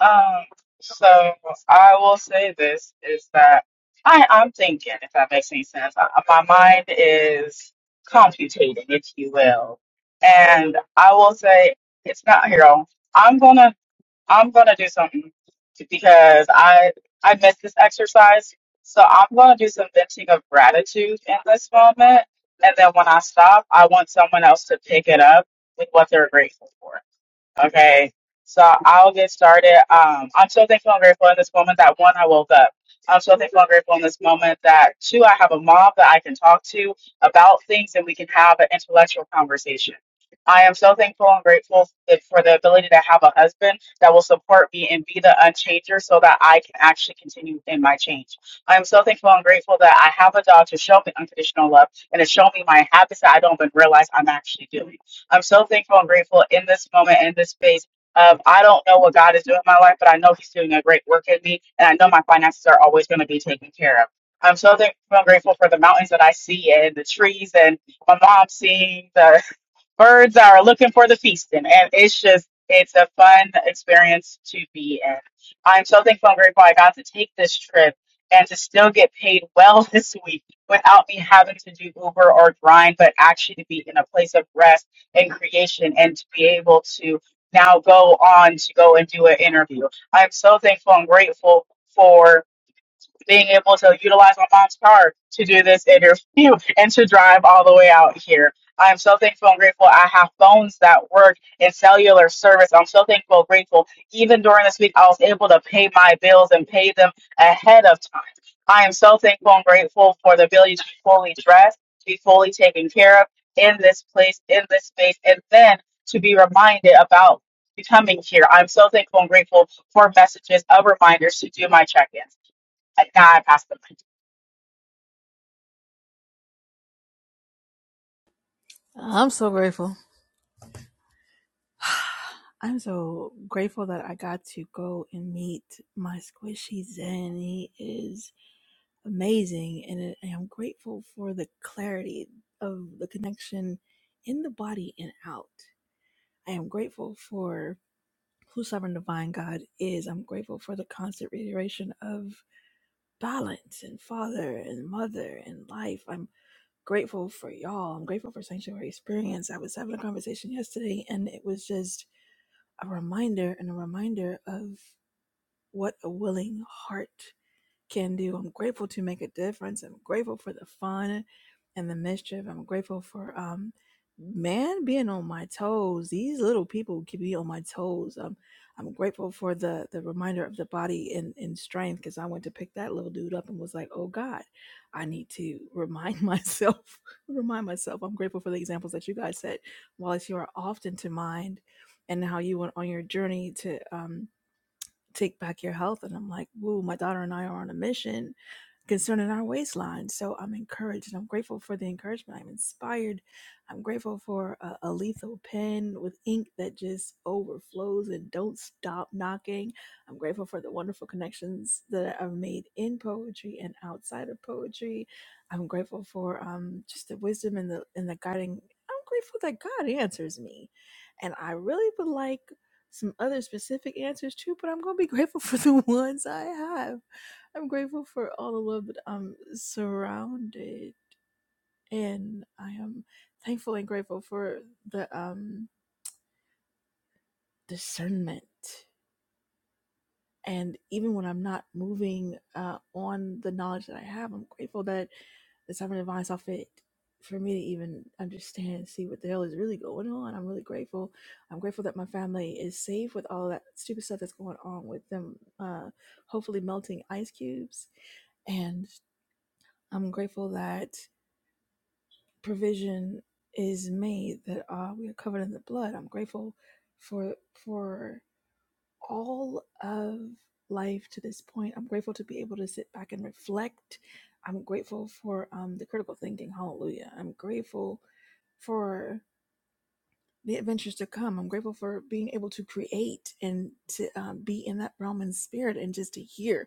Speaker 6: Um, so I will say this is that I, I'm thinking, if that makes any sense. I, my mind is computating, if you will. And I will say it's not hero. I'm gonna I'm gonna do something because I I missed this exercise. So I'm gonna do some venting of gratitude in this moment. And then when I stop, I want someone else to pick it up with what they're grateful for. Okay, so I'll get started. Um, I'm so thankful and grateful in this moment that one, I woke up. I'm so thankful and grateful in this moment that two, I have a mom that I can talk to about things and we can have an intellectual conversation. I am so thankful and grateful that- for the ability to have a husband that will support me and be the unchanger so that I can actually continue in my change. I am so thankful and grateful that I have a dog to show me unconditional love and to show me my habits that I don't even realize I'm actually doing. I'm so thankful and grateful in this moment and this space. Um, I don't know what God is doing in my life, but I know He's doing a great work in me, and I know my finances are always going to be taken care of. I'm so thankful and grateful for the mountains that I see and the trees and my mom seeing the birds are looking for the feasting and it's just it's a fun experience to be in i'm so thankful and grateful i got to take this trip and to still get paid well [laughs] this week without me having to do uber or grind but actually to be in a place of rest and creation and to be able to now go on to go and do an interview i'm so thankful and grateful for being able to utilize my mom's car to do this interview [laughs] and to drive all the way out here. I'm so thankful and grateful I have phones that work in cellular service. I'm so thankful and grateful. Even during this week, I was able to pay my bills and pay them ahead of time. I am so thankful and grateful for the ability to be fully dressed, to be fully taken care of in this place, in this space, and then to be reminded about becoming here. I'm so thankful and grateful for messages of reminders to do my check ins a guy passed them.
Speaker 2: I'm so grateful. [sighs] I'm so grateful that I got to go and meet my squishy Zen. He is amazing, and it- and I'm grateful for the clarity of the connection in the body and out. I am grateful for who Sovereign Divine God is. I'm grateful for the constant reiteration of balance and father and mother and life. I'm grateful for y'all. I'm grateful for Sanctuary Experience. I was having a conversation yesterday and it was just a reminder and a reminder of what a willing heart can do. I'm grateful to make a difference. I'm grateful for the fun and the mischief. I'm grateful for um man being on my toes. These little people can be on my toes. Um I'm grateful for the the reminder of the body and, and strength because I went to pick that little dude up and was like, oh God, I need to remind myself, [laughs] remind myself. I'm grateful for the examples that you guys said, Wallace, you are often to mind and how you went on your journey to um take back your health. And I'm like, woo, my daughter and I are on a mission concerning our waistline. So I'm encouraged. I'm grateful for the encouragement. I'm inspired. I'm grateful for a, a lethal pen with ink that just overflows and don't stop knocking. I'm grateful for the wonderful connections that I've made in poetry and outside of poetry. I'm grateful for um, just the wisdom and the and the guiding. I'm grateful that God answers me, and I really would like some other specific answers too. But I'm gonna be grateful [laughs] for the ones I have I'm grateful for all the love that I'm surrounded, and I am thankful and grateful for the um, discernment. And even when I'm not moving uh, on the knowledge that I have, I'm grateful that the seven divine saw fit for me to even understand and see what the hell is really going on. I'm really grateful. I'm grateful that my family is safe with all that stupid stuff that's going on with them, uh, hopefully melting ice cubes. And I'm grateful that provision is made that uh, we are covered in the blood. I'm grateful for for all of life to this point. I'm grateful to be able to sit back and reflect. I'm grateful for um, the critical thinking. Hallelujah. I'm grateful for the adventures to come. I'm grateful for being able to create and to um, be in that realm in spirit and just to hear.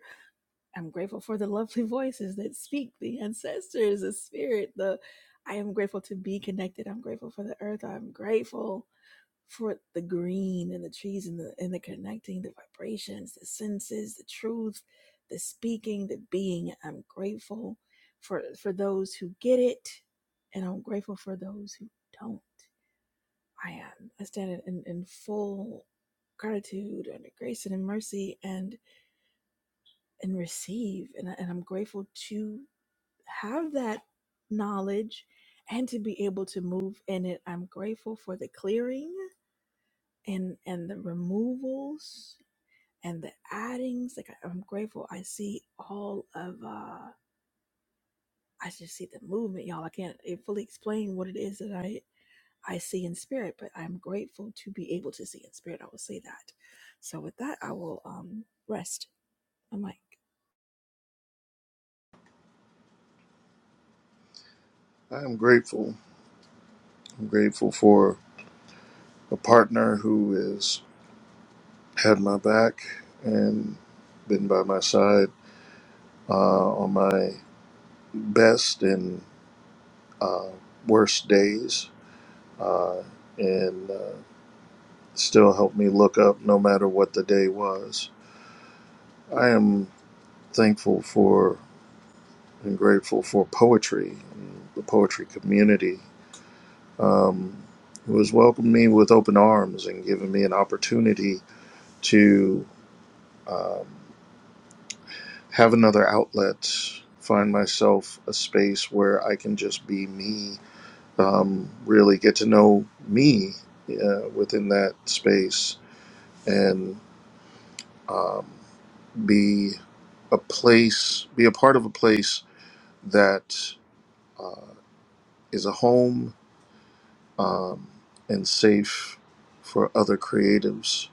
Speaker 2: I'm grateful for the lovely [laughs] voices that speak, the ancestors, the spirit, the I am grateful to be connected. I'm grateful for the earth. I'm grateful for the green and the trees and the and the connecting, the vibrations, the senses, the truth, the speaking, the being. I'm grateful for for those who get it and I'm grateful for those who don't. I am. I stand in, in full gratitude under grace and in mercy and and receive and, I- and i'm grateful to have that knowledge and to be able to move in it. I'm grateful for the clearing and and the removals and the addings. Like I, I'm grateful I see all of uh I just see the movement, y'all. I can't eh, fully explain what it is that I I see in spirit, but I'm grateful to be able to see in spirit. I will say that. So with that, I will um rest. I'm like,
Speaker 1: I'm grateful. I'm grateful for a partner who is had my back and been by my side uh, on my best and uh, worst days, uh, and uh, still helped me look up no matter what the day was. I am thankful for and grateful for poetry, and the poetry community. Um, who has welcomed me with open arms and given me an opportunity to. Um, have another outlet, find myself a space where I can just be me, um, really get to know me uh, within that space, and um, be a place, be a part of a place that uh, is a home um, and safe for other creatives.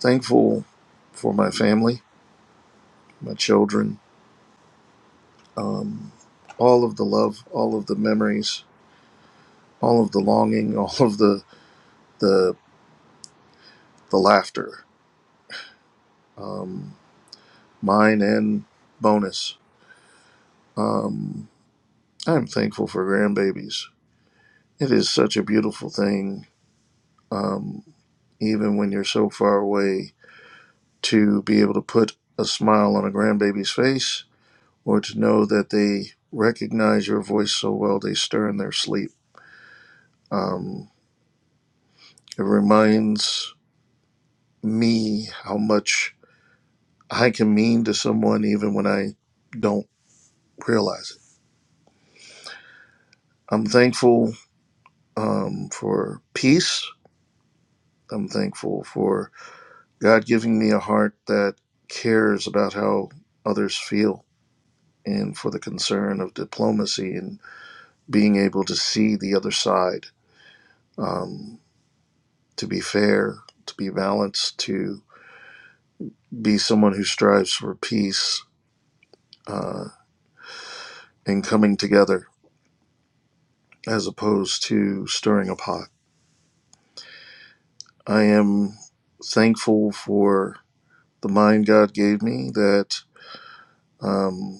Speaker 1: Thankful for my family, my children, um, all of the love, all of the memories all of the longing, [laughs] all of the the the laughter, um, mine and bonus. Um, I'm thankful for grandbabies. It is such a beautiful thing, um, even when you're so far away, to be able to put a smile on a grandbaby's face, or to know that they recognize your voice so well they stir in their sleep. Um, it reminds me how much I can mean to someone even when I don't realize it I'm thankful um, for peace. I'm thankful for God giving me a heart that cares about how others feel and for the concern of diplomacy and being able to see the other side, um, to be fair, to be balanced, to be someone who strives for peace uh, and coming together as opposed to stirring a pot. I am thankful for the mind God gave me that. Um,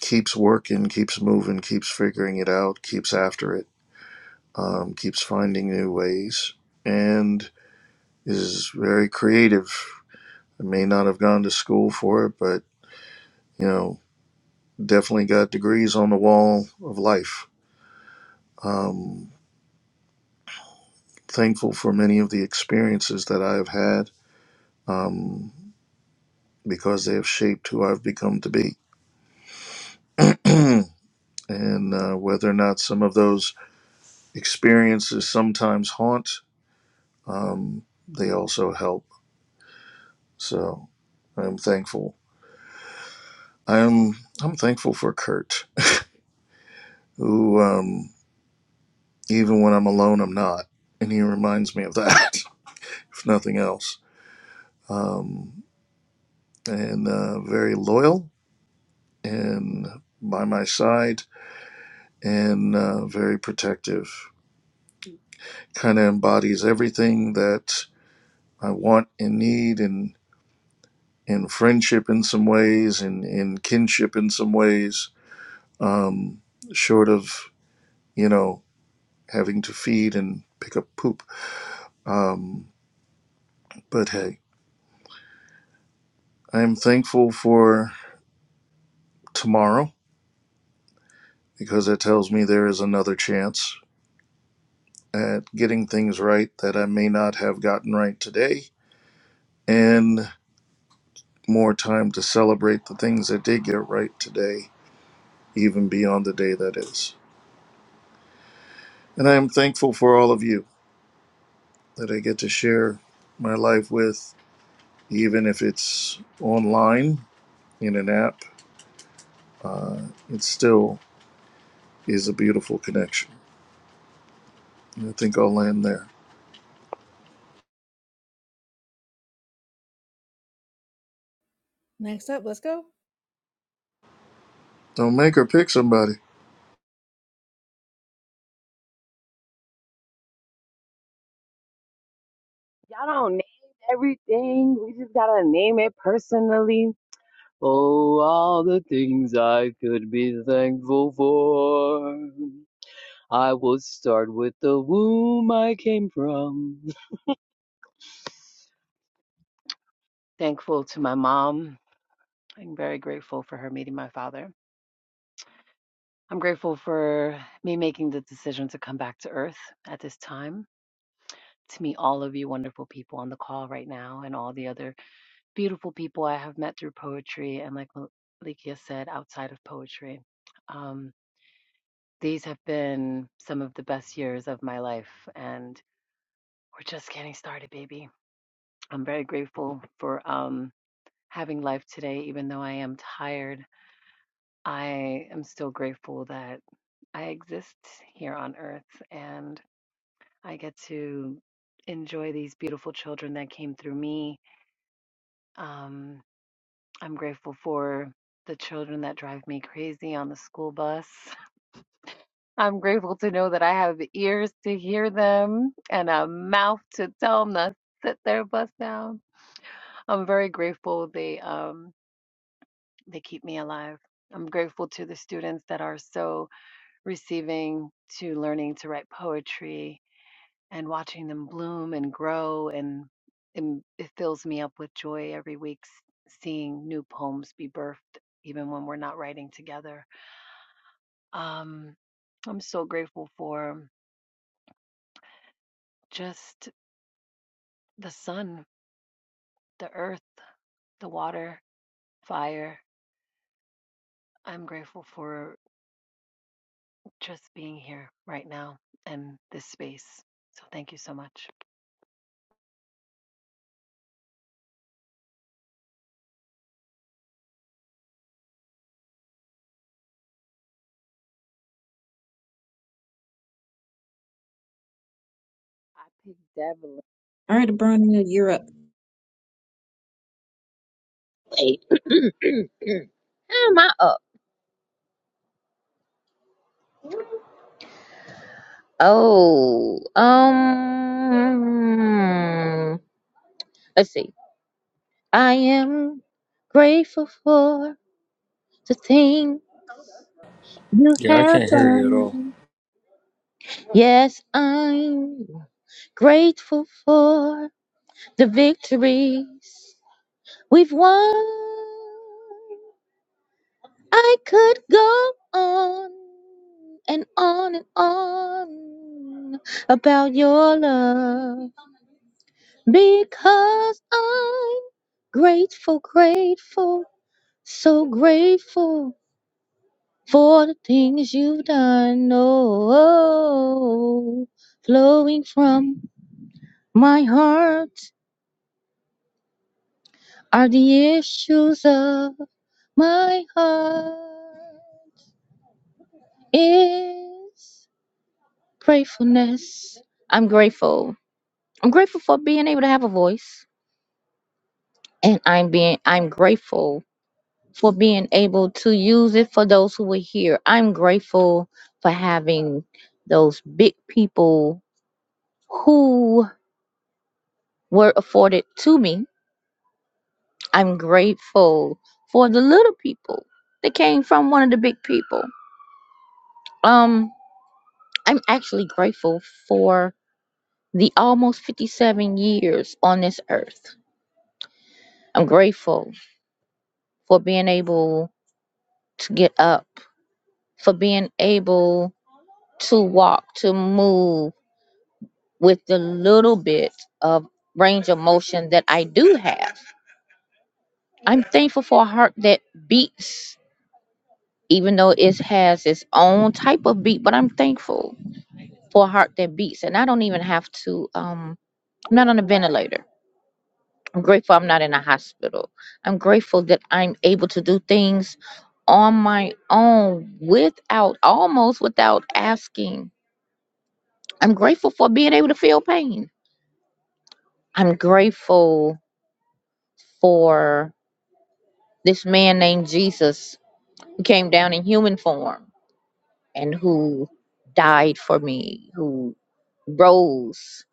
Speaker 1: keeps working, keeps moving, keeps figuring it out, keeps after it, um, keeps finding new ways, and is very creative. I may not have gone to school for it, but you know, definitely got degrees on the wall of life. Um, thankful for many of the experiences that I have had um, because they have shaped who I've become to be. [clears throat] and uh, whether or not some of those experiences sometimes haunt, um, they also help So I'm thankful. I'm I'm thankful for Kurt, who um, even when I'm alone, I'm not, and he reminds me of that, [laughs] if nothing else. Um, and uh, very loyal and by my side, and uh, very protective. Kind of embodies everything that I want and need, and in friendship in some ways, and in kinship in some ways. Um, short of you know having to feed and pick up poop. Um, but hey, I am thankful for tomorrow because it tells me there is another chance at getting things right that I may not have gotten right today, and more time to celebrate the things that did get right today, even beyond the day that is. And I am thankful for all of you that I get to share my life with, even if it's online in an app, it still is a beautiful connection. I think I'll land there.
Speaker 2: next up, let's go.
Speaker 1: Don't make her pick somebody.
Speaker 9: Y'all don't name everything. We just gotta name it personally. Oh, all the things I could be thankful for. I will start with the womb I came from. Thankful to my mom. I'm very grateful for her meeting my father. I'm grateful for me making the decision to come back to Earth at this time. to meet all of you wonderful people on the call right now and all the other beautiful people I have met through poetry and, like Malikia said, outside of poetry. Um, these have been some of the best years of my life, and we're just getting started, baby. I'm very grateful for um, having life today, even though I am tired. I am still grateful that I exist here on earth and I get to enjoy these beautiful children that came through me. Um, I'm grateful for the children that drive me crazy on the school bus. [laughs] I'm grateful to know that I have ears to hear them and a mouth to tell them to sit their bus down. I'm very grateful they um they keep me alive. I'm grateful to the students that are so receiving to learning to write poetry and watching them bloom and grow and, and it fills me up with joy every week s- seeing new poems be birthed even when we're not writing together. Um, I'm so grateful for just the sun, the earth, the water, fire. I'm grateful for just being here right now and this space. So thank you so much. I picked Devlin.
Speaker 4: All right, Abronia, you're up.
Speaker 5: Wait, [clears throat] how am I up? Oh, um, let's see. I am grateful for the thing you
Speaker 1: Yeah, I
Speaker 5: have
Speaker 1: can't hear you at all.
Speaker 5: done. Yes, I'm grateful for. the victories we've won. I could go on and on and on about your love because I'm grateful, grateful, so grateful for the things you've done. Oh, flowing from my heart are the issues of. My heart is gratefulness. I'm grateful. I'm grateful for being able to have a voice. And I'm being I'm grateful for being able to use it for those who are here. I'm grateful for having those big people who were afforded to me. I'm grateful for the little people that came from one of the big people. Um I'm actually grateful for. the almost 57 years on this earth. I'm grateful for being able to get up, for being able to walk, to move with the little bit of range of motion that I do have. I'm thankful for a heart that beats, even though it has its own type of beat, but I'm thankful for a heart that beats. And I don't even have to, um, I'm not on a ventilator. I'm grateful I'm not in a hospital. I'm grateful that I'm able to do things on my own without almost without asking. I'm grateful for being able to feel pain. I'm grateful for this man named Jesus who came down in human form and who died for me, who rose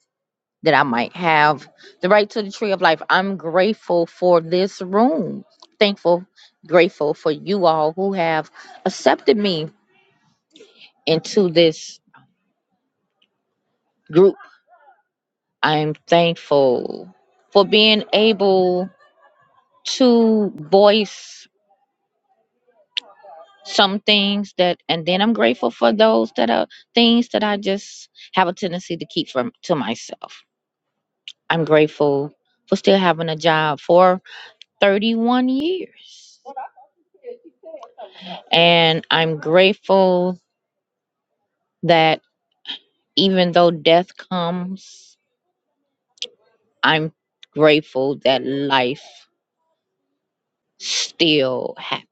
Speaker 5: that I might have the right to the tree of life. I'm grateful for this room. Thankful, grateful for you all who have accepted me into this group. I'm thankful for being able to voice some things that and then I'm grateful for those that are things that I just have a tendency to keep from to myself. I'm grateful for still having a job for 31 years. And I'm grateful that even though death comes, I'm grateful that life still happens.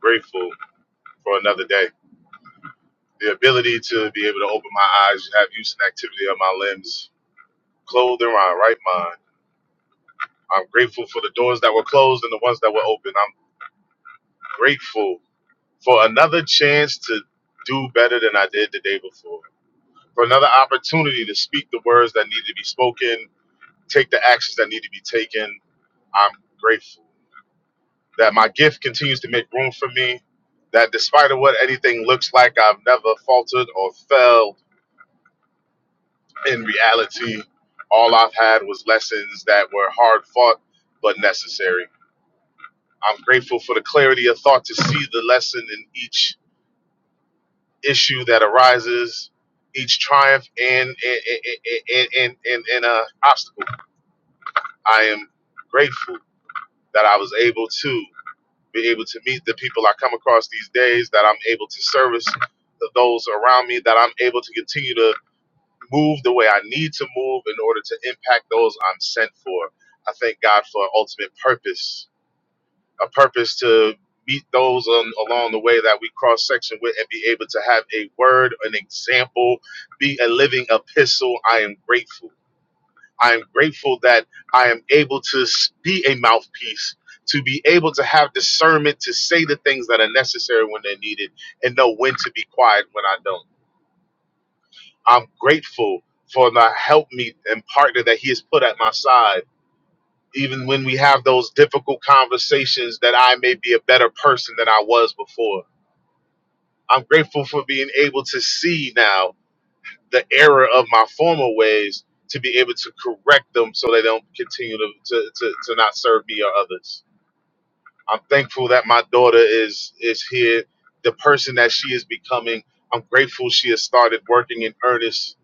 Speaker 7: grateful for another day. The ability to be able to open my eyes, have use and activity of my limbs, clothed in my right mind. I'm grateful for the doors that were closed and the ones that were open. I'm grateful for another chance to do better than I did the day before. For another opportunity to speak the words that need to be spoken, take the actions that need to be taken. I'm grateful. that my gift continues to make room for me, that despite of what anything looks like, I've never faltered or failed in reality. All I've had was lessons that were hard fought but necessary. I'm grateful for the clarity of thought to see the lesson in each issue that arises, each triumph and and and and, and, and, and uh, obstacle. I am grateful that I was able to. be able to meet the people I come across these days, that I'm able to service the, those around me, that I'm able to continue to move the way I need to move in order to impact those I'm sent for. I thank God for an ultimate purpose, a purpose to meet those on, along the way that we cross section with and be able to have a word, an example, be a living epistle. I am grateful. I am grateful that I am able to s- be a mouthpiece, to be able to have discernment to say the things that are necessary when they're needed and know when to be quiet when I don't. I'm grateful for the help me and partner that he has put at my side. Even when we have those difficult conversations, that I may be a better person than I was before. I'm grateful for being able to see now the error of my former ways to be able to correct them so they don't continue to, to, to, to not serve me or others. I'm thankful that my daughter is is here, the person that she is becoming. I'm grateful she has started working in earnest.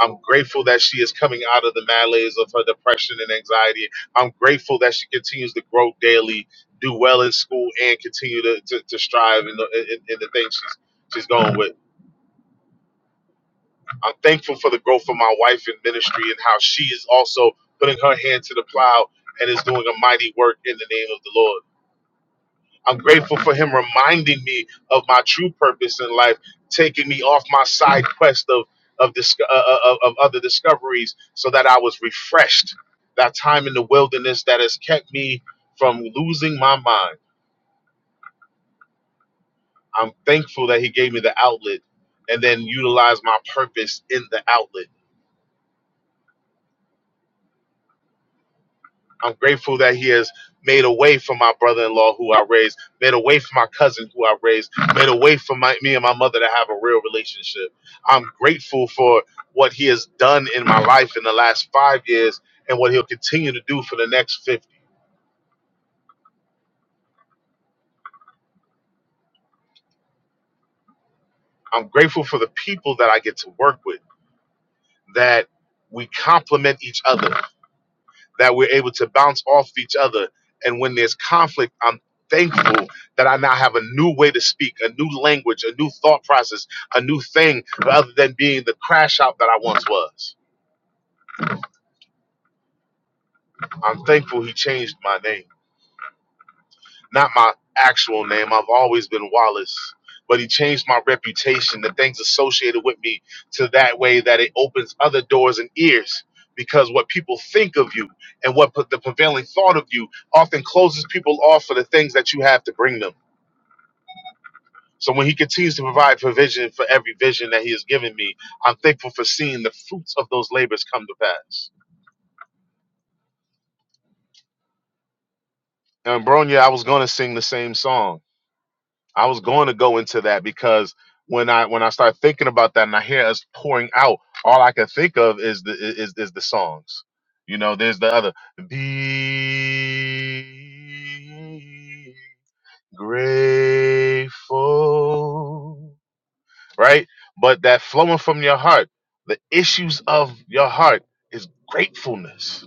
Speaker 7: I'm grateful that she is coming out of the malaise of her depression and anxiety. I'm grateful that she continues to grow daily, do well in school, and continue to, to, to strive in the, in, in the things she's, she's going with. I'm thankful for the growth of my wife in ministry and how she is also putting her hand to the plow and is doing a mighty work in the name of the Lord. I'm grateful for him reminding me of my true purpose in life, taking me off my side quest of of, disco- uh, uh, of, of other discoveries so that I was refreshed. That time in the wilderness that has kept me from losing my mind. I'm thankful that he gave me the outlet and then utilized my purpose in the outlet. I'm grateful that he has made a way for my brother-in-law who I raised, made a way for my cousin who I raised, made a way for my, me and my mother to have a real relationship. I'm grateful for what he has done in my life in the last five years and what he'll continue to do for the next 50. I'm grateful for the people that I get to work with, that we complement each other. that we're able to bounce off of each other. And when there's conflict, I'm thankful that I now have a new way to speak, a new language, a new thought process, a new thing, rather than being the crash out that I once was. I'm thankful he changed my name. Not my actual name. I've always been Wallace. But he changed my reputation, the things associated with me, to that way that it opens other doors and ears. Because what people think of you and what put the prevailing thought of you often closes people off for the things that you have to bring them. So when he continues to provide provision for every vision that he has given me, I'm thankful for seeing the fruits of those labors come to pass. And Bronya, I was going to sing the same song I was going to go into that because when I when I start thinking about that and I hear us pouring out, all I can think of is the is is the songs. You know, there's the other be grateful, right? But that flowing from your heart, the issues of your heart is gratefulness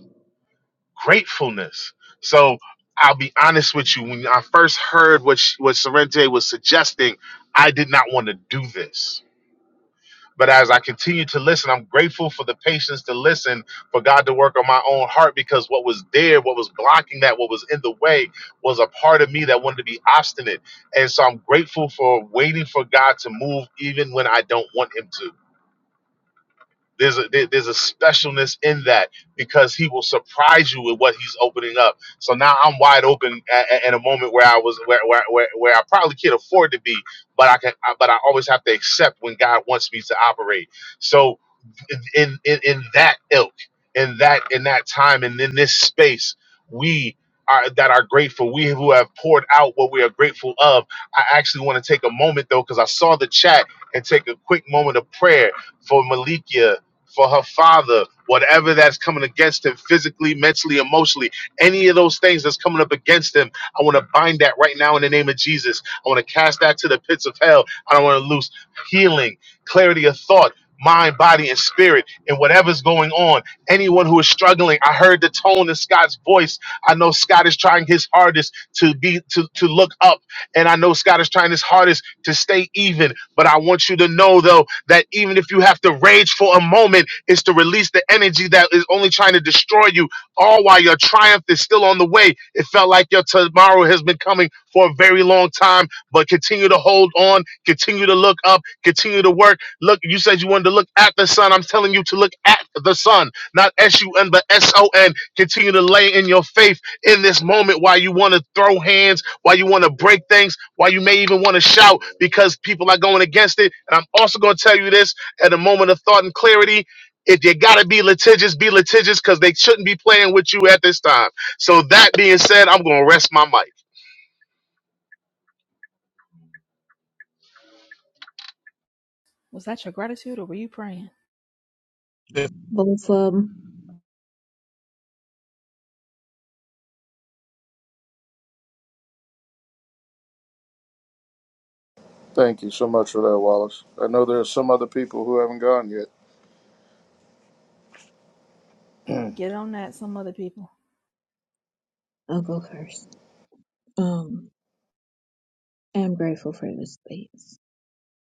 Speaker 7: gratefulness. So I'll be honest with you. When I first heard what she, what Sorrente was suggesting, I did not want to do this. But as I continue to listen, I'm grateful for the patience to listen, for God to work on my own heart because what was there, what was blocking that, what was in the way, was a part of me that wanted to be obstinate. And so I'm grateful for waiting for God to move even when I don't want Him to. There's a there- there's a specialness in that because he will surprise you with what he's opening up. So now I'm wide open a- a- in a moment where I was where where where, where I probably can't afford to be, but I can. I- But I always have to accept when God wants me to operate. So in in, in that ilk, in that in that time, and in this space, we. Are, that are grateful. We who have poured out what we are grateful of. I actually want to take a moment though, because I saw the chat and take a quick moment of prayer for Malikia for her father, whatever that's coming against him physically, mentally, emotionally, any of those things that's coming up against him, I want to bind that right now in the name of Jesus. I want to cast that to the pits of hell. I don't want to lose healing, clarity of thought. Mind, body, and spirit, and whatever's going on. Anyone who is struggling, I heard the tone in Scott's voice. I know Scott is trying his hardest to be to, to look up, and I know Scott is trying his hardest to stay even but I want you to know, though, that even if you have to rage for a moment, it's to release the energy that is only trying to destroy you, all while your triumph is still on the way. It felt like your tomorrow has been coming for a very long time, but continue to hold on, continue to look up, continue to work. Look, you said you wanted to look at the sun. I'm telling you to look at the sun, not S U N, but S O N. Continue to lay in your faith in this moment while you want to throw hands why you want to break things, why you may even want to shout because people are going against it. And I'm also going to tell you this at a moment of thought and clarity. If you gotta be litigious, be litigious because they shouldn't be playing with you at this time. So that being said, I'm gonna rest my
Speaker 2: Was that your gratitude or were you praying?
Speaker 7: mic.
Speaker 4: Both of 'em.
Speaker 1: Thank you so much for that, Wallace. I know there are some other people who haven't gone yet.
Speaker 2: Get on that, some other people.
Speaker 4: I'll go first. Um, I'm grateful for this space.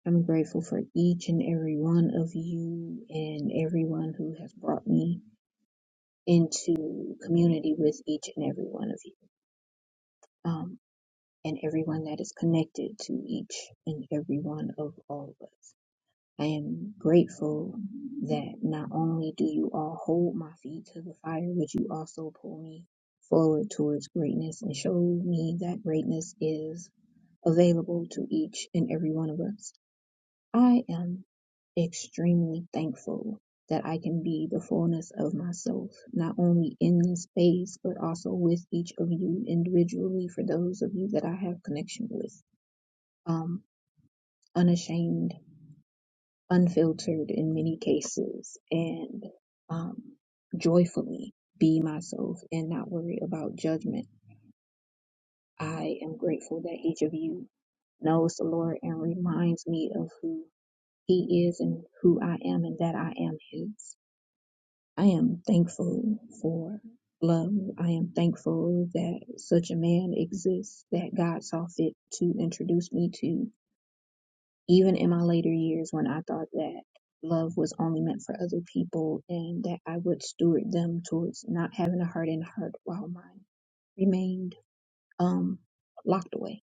Speaker 4: I'm grateful for each and every one of you and everyone who has brought me into community with each and every one of you um, and everyone that is connected to each and every one of all of us. I am grateful that not only do you all hold my feet to the fire, but you also pull me forward towards greatness and show me that greatness is available to each and every one of us. I am extremely thankful that I can be the fullness of myself, not only in this space, but also with each of you individually for those of you that I have connection with. Um, unashamed, unfiltered in many cases, and um, joyfully be myself and not worry about judgment. I am grateful that each of you knows the Lord and reminds me of who He is and who I am and that I am His. I am thankful for love. I am thankful that such a man exists that God saw fit to introduce me to, even in my later years when I thought that love was only meant for other people and that I would steward them towards not having a heart in heart while mine remained um locked away.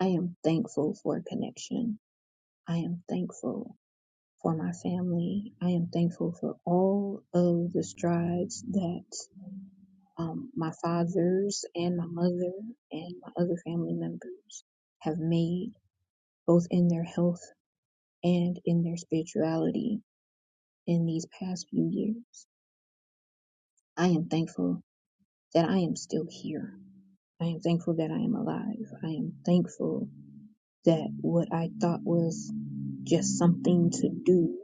Speaker 4: I am thankful for connection. I am thankful for my family. I am thankful for all of the strides that um, my father's and my mother and my other family members have made both in their health and in their spirituality in these past few years. I am thankful that I am still here. I am thankful that I am alive. I am thankful that what I thought was just something to do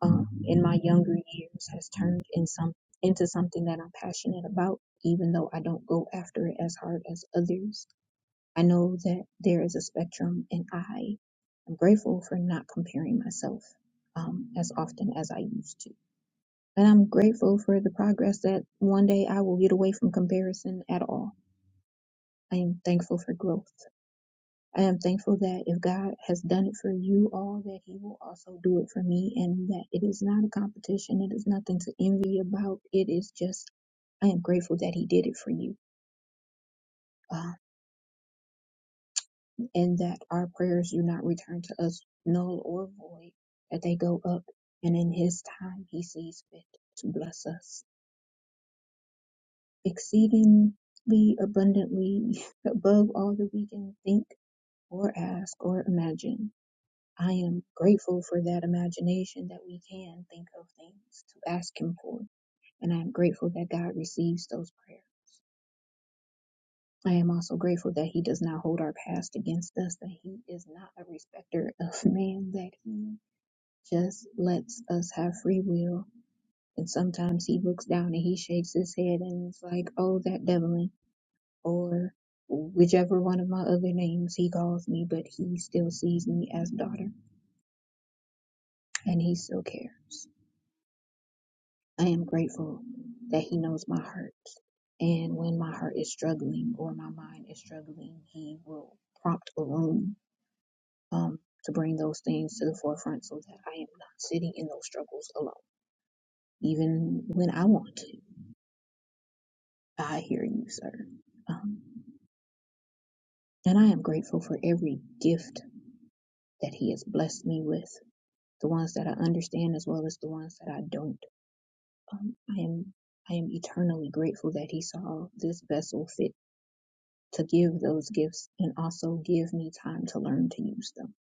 Speaker 4: um, in my younger years has turned in some, into something that I'm passionate about, even though I don't go after it as hard as others I know that there is a spectrum, and I am grateful for not comparing myself um, as often as I used to. And I'm grateful for the progress that one day I will get away from comparison at all. I am thankful for growth. I am thankful that if God has done it for you all, that He will also do it for me, and that it is not a competition. It is nothing to envy about. It is just, I am grateful that He did it for you. Um, and that our prayers do not return to us null or void, that they go up, and in His time He sees fit to bless us exceedingly abundantly [laughs] above all that we can think or ask or imagine. I am grateful for that imagination that we can think of things to ask Him for, and I am grateful that God receives those prayers. I am also grateful that He does not hold our past against us, that He is not a respecter of [laughs] man, that He just lets us have free will. And sometimes he looks down and he shakes his head and is like, oh, that Devlin, or whichever one of my other names he calls me, but he still sees me as daughter and he still cares. I am grateful that he knows my heart. And when my heart is struggling or my mind is struggling, he will prompt a room um, to bring those things to the forefront so that I am not sitting in those struggles alone, even when I want to. I hear you, sir. Um, and I am grateful for every gift that He has blessed me with, the ones that I understand as well as the ones that I don't. Um, I am I am eternally grateful that He saw this vessel fit to give those gifts and also give me time to learn to use them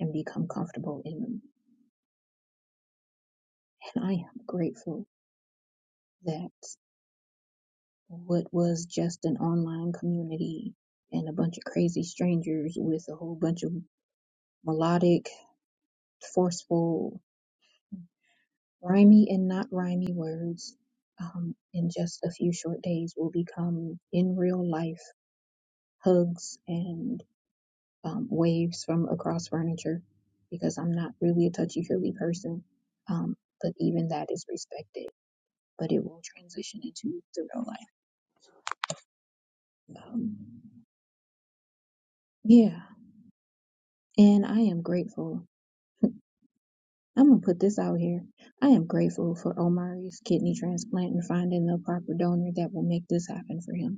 Speaker 4: and become comfortable in them. And I am grateful that what was just an online community and a bunch of crazy strangers with a whole bunch of melodic, forceful Rhymy and not rhymy words um, in just a few short days will become in real life hugs and um, waves from across furniture because I'm not really a touchy feely person. Um, but even that is respected, but it will transition into the real life. Um, yeah, and I am grateful. [laughs] I'm gonna put this out here. I am grateful for Omari's kidney transplant and finding the proper donor that will make this happen for him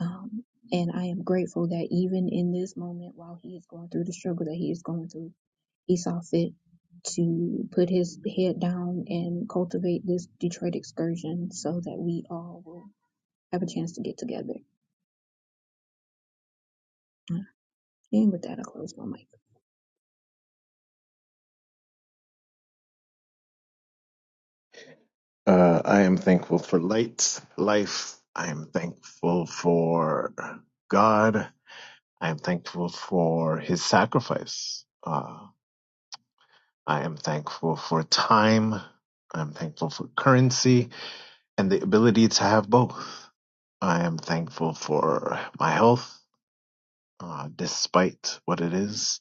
Speaker 4: Um, and I am grateful that even in this moment, while he is going through the struggle that he is going through, he saw fit to put his head down and cultivate this Detroit excursion so that we all will have a chance to get together. Uh, And with that, I close my mic.
Speaker 3: Uh, I am thankful for light, life. I am thankful for God. I am thankful for His sacrifice. Uh, I am thankful for time. I'm thankful for currency and the ability to have both. I am thankful for my health, uh, despite what it is.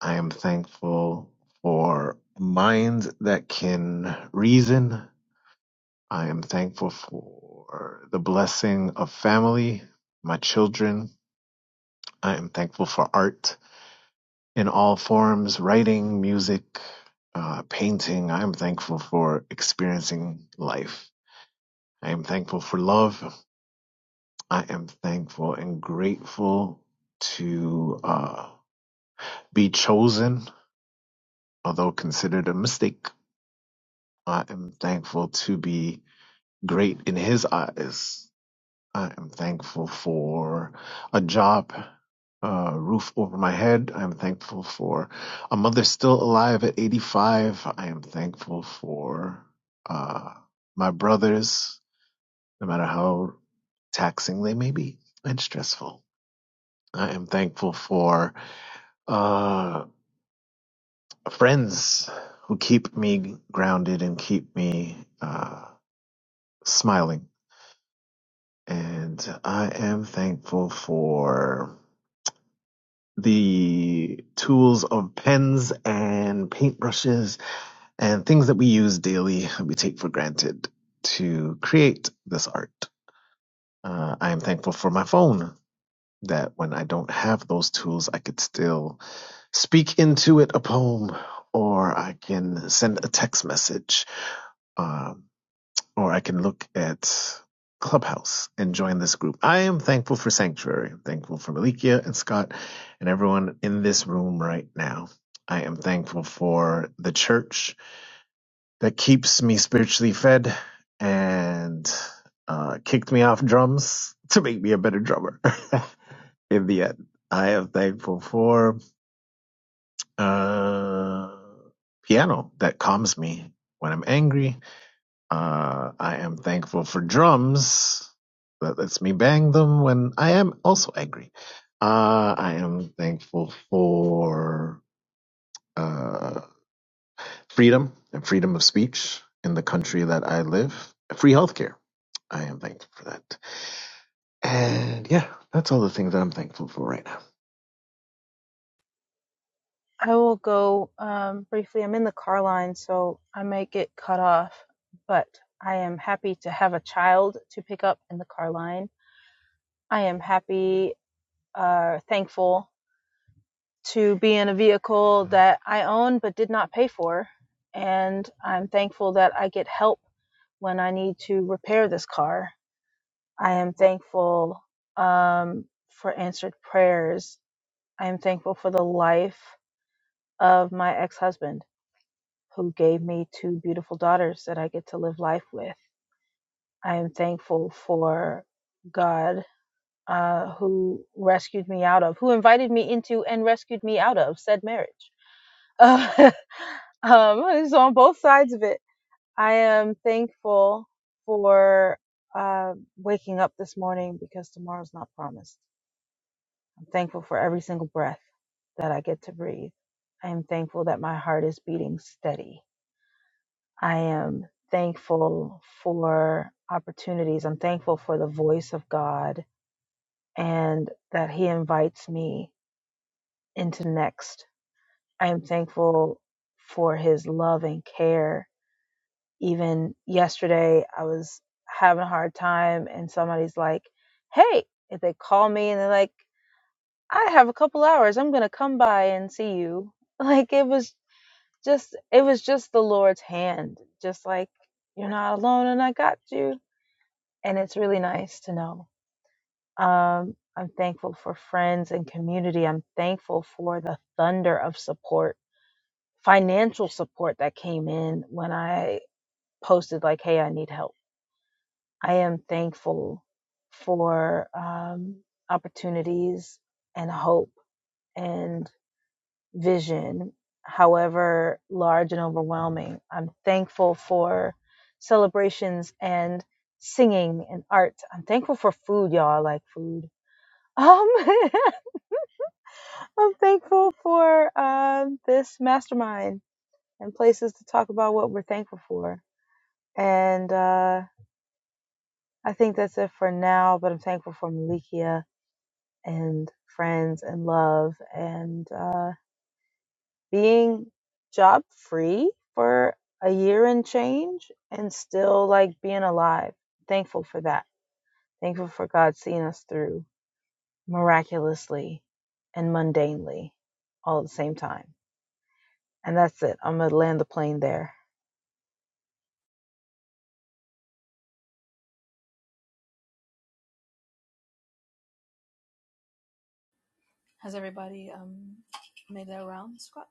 Speaker 3: I am thankful for minds that can reason. I am thankful for the blessing of family, my children. I am thankful for art in all forms writing, music, uh, painting. I am thankful for experiencing life. I am thankful for love. I am thankful and grateful to uh, be chosen, although considered a mistake. I am thankful to be great in His eyes. I am thankful for a job, a roof over my head. I am thankful for a mother still alive at 85. I am thankful for uh, my brothers, no matter how taxing they may be and stressful. I am thankful for uh, friends who keep me grounded and keep me uh, smiling. And I am thankful for the tools of pens and paintbrushes and things that we use daily, we take for granted to create this art. Uh, I am thankful for my phone that when I don't have those tools, I could still speak into it a poem or I can send a text message. Uh, or I can look at Clubhouse and join this group. I am thankful for Sanctuary. I'm thankful for Malikia and Scott and everyone in this room right now. I am thankful for the church that keeps me spiritually fed and uh, kicked me off drums [laughs] to make me a better drummer [laughs] in the end. I am thankful for uh, piano that calms me when I'm angry uh, I am thankful for drums that lets me bang them when I am also angry. Uh, I am thankful for uh, freedom and freedom of speech in the country that I live, free healthcare. I am thankful for that. And yeah, that's all the things that I'm thankful for right now.
Speaker 8: I will go um, briefly. I'm in the car line, so I may get cut off, but I am happy to have a child to pick up in the car line. I am happy, uh, thankful to be in a vehicle that I own but did not pay for. And I'm thankful that I get help when I need to repair this car. I am thankful um, for answered prayers. I am thankful for the life of my ex husband. who gave me two beautiful daughters that I get to live life with. I am thankful for God uh, who rescued me out of, who invited me into and rescued me out of said marriage. Uh, [laughs] um, so on both sides of it, I am thankful for uh, waking up this morning because tomorrow's not promised. I'm thankful for every single breath that I get to breathe. I am thankful that my heart is beating steady. I am thankful for opportunities. I'm thankful for the voice of God and that He invites me into next. I am thankful for His love and care. Even yesterday, I was having a hard time, and somebody's like, Hey, if they call me and they're like, I have a couple hours, I'm going to come by and see you. [laughs] Like, it was just, it was just the Lord's hand, just like, you're not alone and I got you and it's really nice to know. Um, I'm thankful for friends and community. I'm thankful for the thunder of support, financial support that came in when I posted, like, hey, I need help. I am thankful for um, opportunities and hope and vision, however large and overwhelming. I'm thankful for celebrations and singing and art. I'm thankful for food, y'all. I like food Um, [laughs] I'm thankful for uh, this mastermind and places to talk about what we're thankful for. And uh, I think that's it for now, but I'm thankful for Malikia and friends and love and uh, being job free for a year and change and still like being alive. Thankful for that. Thankful for God seeing us through miraculously and mundanely all at the same time And that's it. I'm going to land the plane there.
Speaker 2: Has everybody um made their round, Scott?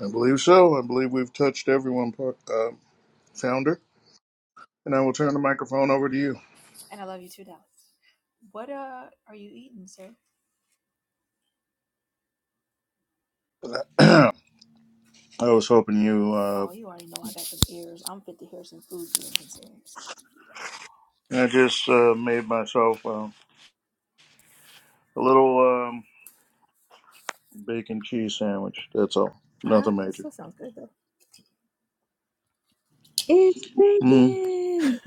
Speaker 1: I believe so. I believe we've touched everyone, uh, founder. And I will turn the microphone over to you.
Speaker 2: And I love you too, Dallas. What uh are you eating, sir?
Speaker 1: [clears throat] I was hoping you. Uh,
Speaker 2: Oh, you already know I got some ears. I'm fit to hear some food being consumed. So yeah.
Speaker 1: I just uh, made myself uh, a little um, bacon cheese sandwich. That's all.
Speaker 2: ah,
Speaker 1: Nothing
Speaker 2: that
Speaker 1: major.
Speaker 2: still sounds good though.
Speaker 4: It's
Speaker 1: Mm,
Speaker 4: breaking.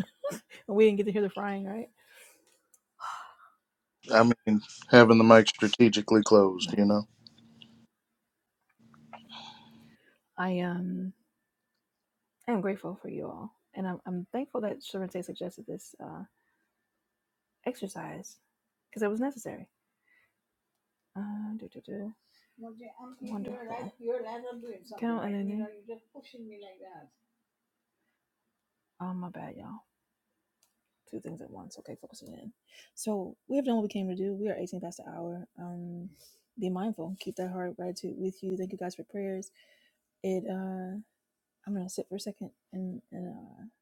Speaker 2: And we didn't get to hear the frying, right?
Speaker 1: I mean, having the mic strategically closed.
Speaker 2: Right.
Speaker 1: You know,
Speaker 2: I um I am grateful for you all, and I'm I'm thankful that Sharente suggested this uh exercise because it was necessary Uh, do, do, do. Well, Jay, I'm thinking Wonderful. You're Wonderful. allowed, you're allowed to do it Can something, I something, you know, you're just pushing me like that. Oh, my bad, y'all. Two things at once. Okay, focusing in. So we have done what we came to do. We are 18 past the hour. Um, be mindful. Keep that heart of gratitude with you. Thank you guys for prayers. It. uh I'm gonna sit for a second and, and uh,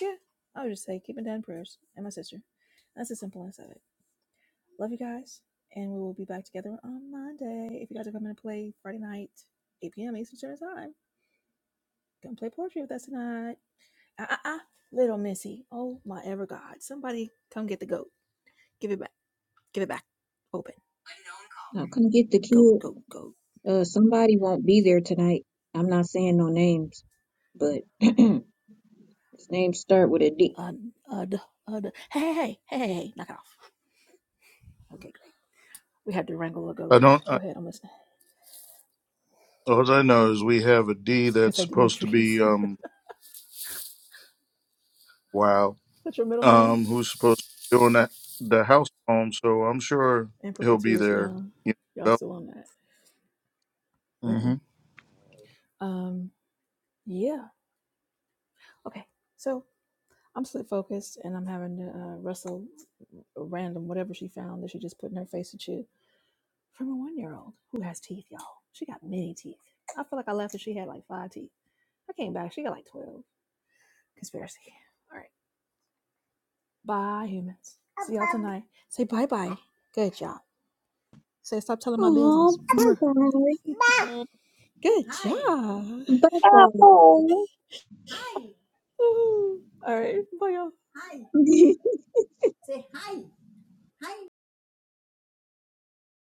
Speaker 2: yeah, I would just say keep my dad in prayers and my sister. That's as simple as that. Love you guys. And we will be back together on Monday. If you guys are coming to play Friday night, 8 p.m. Eastern Standard Time, come play poetry with us tonight. Ah, ah, ah. Little Missy. Oh, my ever God. Somebody come get the goat. Give it back. Give it back. Open.
Speaker 4: Now come get the
Speaker 2: Goat,
Speaker 4: kid.
Speaker 2: goat, goat.
Speaker 4: Uh, somebody won't be there tonight. I'm not saying no names, but [clears throat] His name start with a D.
Speaker 2: Uh, uh, duh, uh, duh. Hey, hey, hey, hey, hey, hey, knock it off. Okay, great. We had to wrangle a
Speaker 1: I
Speaker 2: goat.
Speaker 1: don't.
Speaker 2: Go ahead, I'm listening.
Speaker 1: All I know is we have a
Speaker 2: [laughs]
Speaker 1: D
Speaker 2: Somebody
Speaker 1: that's
Speaker 2: said
Speaker 1: supposed to
Speaker 2: Demetrius.
Speaker 1: be um wow
Speaker 2: [laughs] That's your middle name?
Speaker 1: um who's supposed to be doing that the house phone, so I'm sure
Speaker 2: In
Speaker 1: he'll be
Speaker 2: perpetuity,
Speaker 1: there.
Speaker 2: y'all.
Speaker 1: You
Speaker 2: Y'all
Speaker 1: know,
Speaker 2: still on that. Mm-mm. Um, yeah. Okay, so I'm slit focused and I'm having to uh, wrestle random whatever she found that she just put in her face and shit from a one year old who has teeth, y'all. She got many teeth. I feel like I left and she had like five teeth. I came back, she got like 12. Conspiracy. All right. Bye, humans. See y'all tonight. Say bye bye. Good job. Say stop telling my business.
Speaker 4: Oh,
Speaker 2: [laughs]
Speaker 4: bye
Speaker 2: Mwah.
Speaker 4: bye.
Speaker 2: Good Hi. job.
Speaker 4: Bye bye.
Speaker 2: Woo. All right. Bye, y'all. Hi.
Speaker 4: [laughs]
Speaker 2: Say hi. Hi.